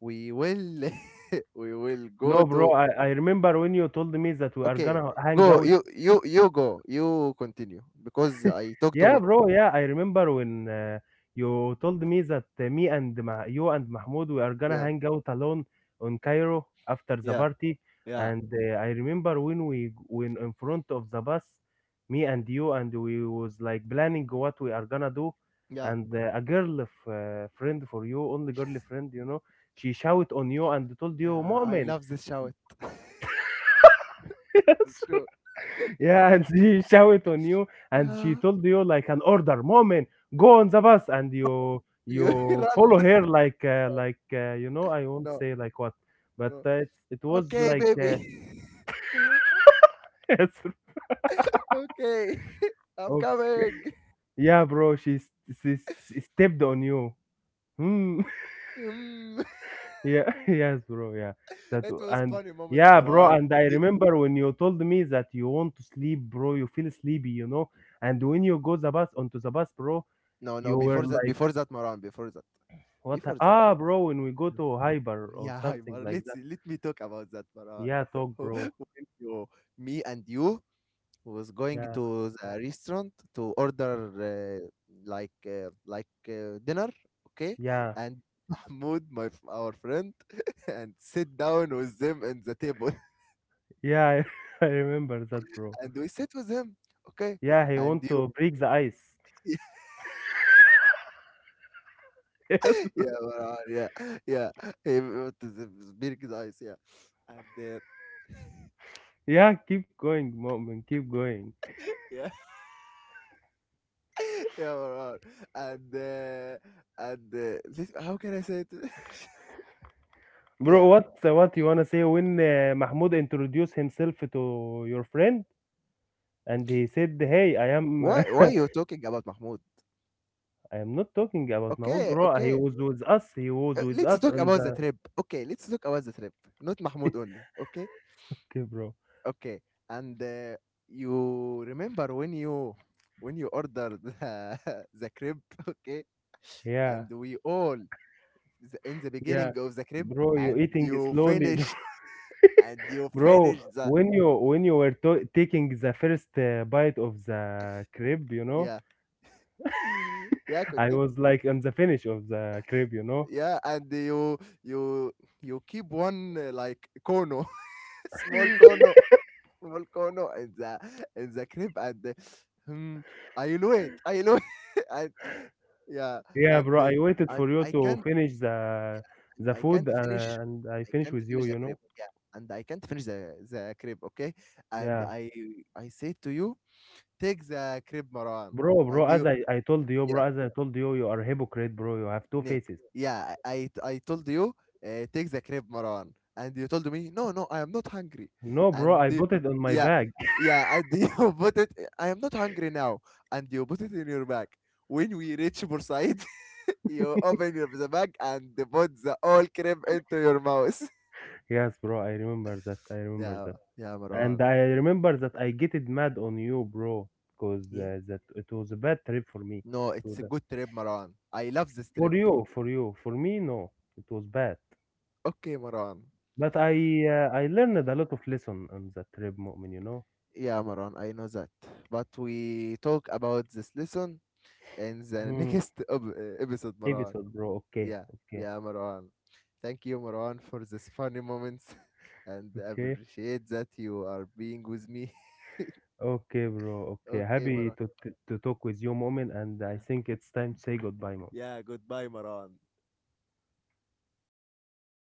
A: we will *laughs* we will go
B: No, bro.
A: to.
B: I remember when you told me that we are
A: Okay,
B: gonna hang
A: go.
B: out
A: You go. You continue, because I talk too
B: Yeah,
A: much.
B: bro. Yeah, I remember when you told me that you and Mahmoud we are gonna
A: Yeah,
B: hang out alone on Cairo after the
A: yeah,
B: party.
A: yeah,
B: And I remember when we when in front of the bus, me and you and we was like planning what we are gonna do.
A: yeah,
B: And a girl friend for you, only girl friend, you know, she shout on you and told you,
A: yeah. I
B: "Moment."
A: love this shout. *laughs* For
B: *laughs*
A: sure, for
B: Yeah,
A: sure.
B: and she *laughs* shout on you, and she
A: Yeah,
B: told you like an order, moment, go on the bus, and
A: *laughs* you
B: you
A: run.
B: follow her like you know I won't
A: No,
B: say like what, but
A: no.
B: it was
A: Okay,
B: like
A: baby.
B: *laughs* it's-
A: *laughs* okay, *laughs* I'm
B: okay.
A: coming.
B: yeah, bro, she, s- stepped on you. Hmm. *laughs*
A: Mm.
B: Yeah, *laughs* yes, bro. Yeah,
A: *laughs*
B: that
A: It
B: w-
A: was
B: and
A: funny moments,
B: yeah, bro.
A: Maran.
B: And I remember when you told me that you want to sleep, bro. You feel sleepy, you know. And when you go the bus onto the bus, bro,
A: No, no,
B: you were like
A: before that, Maran, before that,
B: What?
A: before that.
B: Bro, when we go
A: *laughs*
B: to Hyper or
A: Yeah, hi,
B: something
A: Mar.
B: like that.
A: Let me talk about that, Maran.
B: Yeah, talk, bro.
A: *laughs* When you, me and you was going
B: Yeah,
A: to the restaurant to order uh, like dinner, okay?
B: yeah,
A: And *laughs* Mahmoud, my our friend, *laughs* and sit down with them in the table, *laughs*
B: yeah. *laughs* I remember that, bro.
A: and we sit with him, okay?
B: Yeah, he want
A: And
B: to
A: you,
B: break the ice. *laughs*
A: *laughs*
B: Yes, bro.
A: yeah, Maran, yeah, yeah, with the big eyes, yeah, and
B: Yeah, keep going, moment. Keep going,
A: yeah. Yeah, Marwan. And this, how can I say it? *laughs*
B: bro.
A: Yeah.
B: What? What you wanna say when Mahmoud introduced himself to your friend and he said, "Hey, I am.
A: Why why you talking about Mahmoud?
B: *laughs* I am not talking about Mahmoud,
A: Okay,
B: bro. He
A: okay.
B: was with us. He was with
A: Let's
B: us
A: talk
B: on
A: about the
B: the.
A: trip. Okay, let's talk about the trip. Not Mahmoud only. Okay,
B: Okay, bro.
A: okay. And you remember when you ordered the, *laughs* the crib? Okay,
B: Yeah,
A: and we all, in the
B: yeah,
A: beginning of the crib,
B: bro. You
A: and
B: eating
A: you
B: slowly,
A: finish *laughs* and you
B: Bro,
A: finish the,
B: when you were to taking the first bite of the crib, you know,
A: yeah. Yeah.
B: I
A: Continue.
B: was like on the finish of the crib, you know.
A: Yeah, and you you keep one like kono, *laughs* small kono, small kono in the, in the crib, and hmm, I know it, I know it. *laughs* And, yeah,
B: Yeah, bro,
A: and
B: I waited for you
A: I
B: to
A: can't,
B: finish the
A: i
B: food
A: can't finish
B: and I
A: I
B: finish
A: can't
B: with you,
A: finish the
B: you
A: crib,
B: know.
A: yeah, and I can't finish the crib, okay, and
B: Yeah,
A: I say to you, take the crib, Marwan,
B: bro, bro,
A: and
B: as
A: you
B: I I told you, bro, as I told you, you are a hypocrite, bro. You have two
A: Ne-
B: faces.
A: yeah, I told you, take the crib, Maran. And you told me, no, no, I am not hungry.
B: No, bro,
A: And
B: I
A: you-
B: put it on my
A: yeah,
B: bag. *laughs*
A: yeah, and *laughs* you put it, I am not hungry now. And you put it in your bag. When we reach Bursaid, *laughs* you open your, the bag, and put the all crib into your mouth.
B: Yes, bro, I remember that. I
A: *laughs*
B: remember
A: Yeah,
B: that.
A: yeah,
B: And
A: Maran.
B: I remember that I getted mad on you, bro, because
A: Yeah?
B: that it was a bad trip for me.
A: No,
B: To
A: it's a
B: the
A: good trip, Maran. I love this
B: for
A: trip.
B: you, for you, for me, no, it was bad.
A: Okay, Maran.
B: But I learned a lot of lesson on that trip, Mu'min, you know.
A: Yeah, Maran, I know that. But we talk about this lesson in the
B: Hmm.
A: next *laughs* episode, Marwan.
B: Episode, bro. Okay,
A: Yeah,
B: okay,
A: yeah, Marwan. Thank you, Marwan, for this funny moments, *laughs* and I
B: okay,
A: appreciate that you are being with me.
B: okay, bro. Okay,
A: *laughs* Okay,
B: happy
A: Marwan.
B: to talk with you, Mu'min, and I
A: Yeah,
B: think it's time to say goodbye, Mu'min.
A: yeah. Goodbye, Marwan.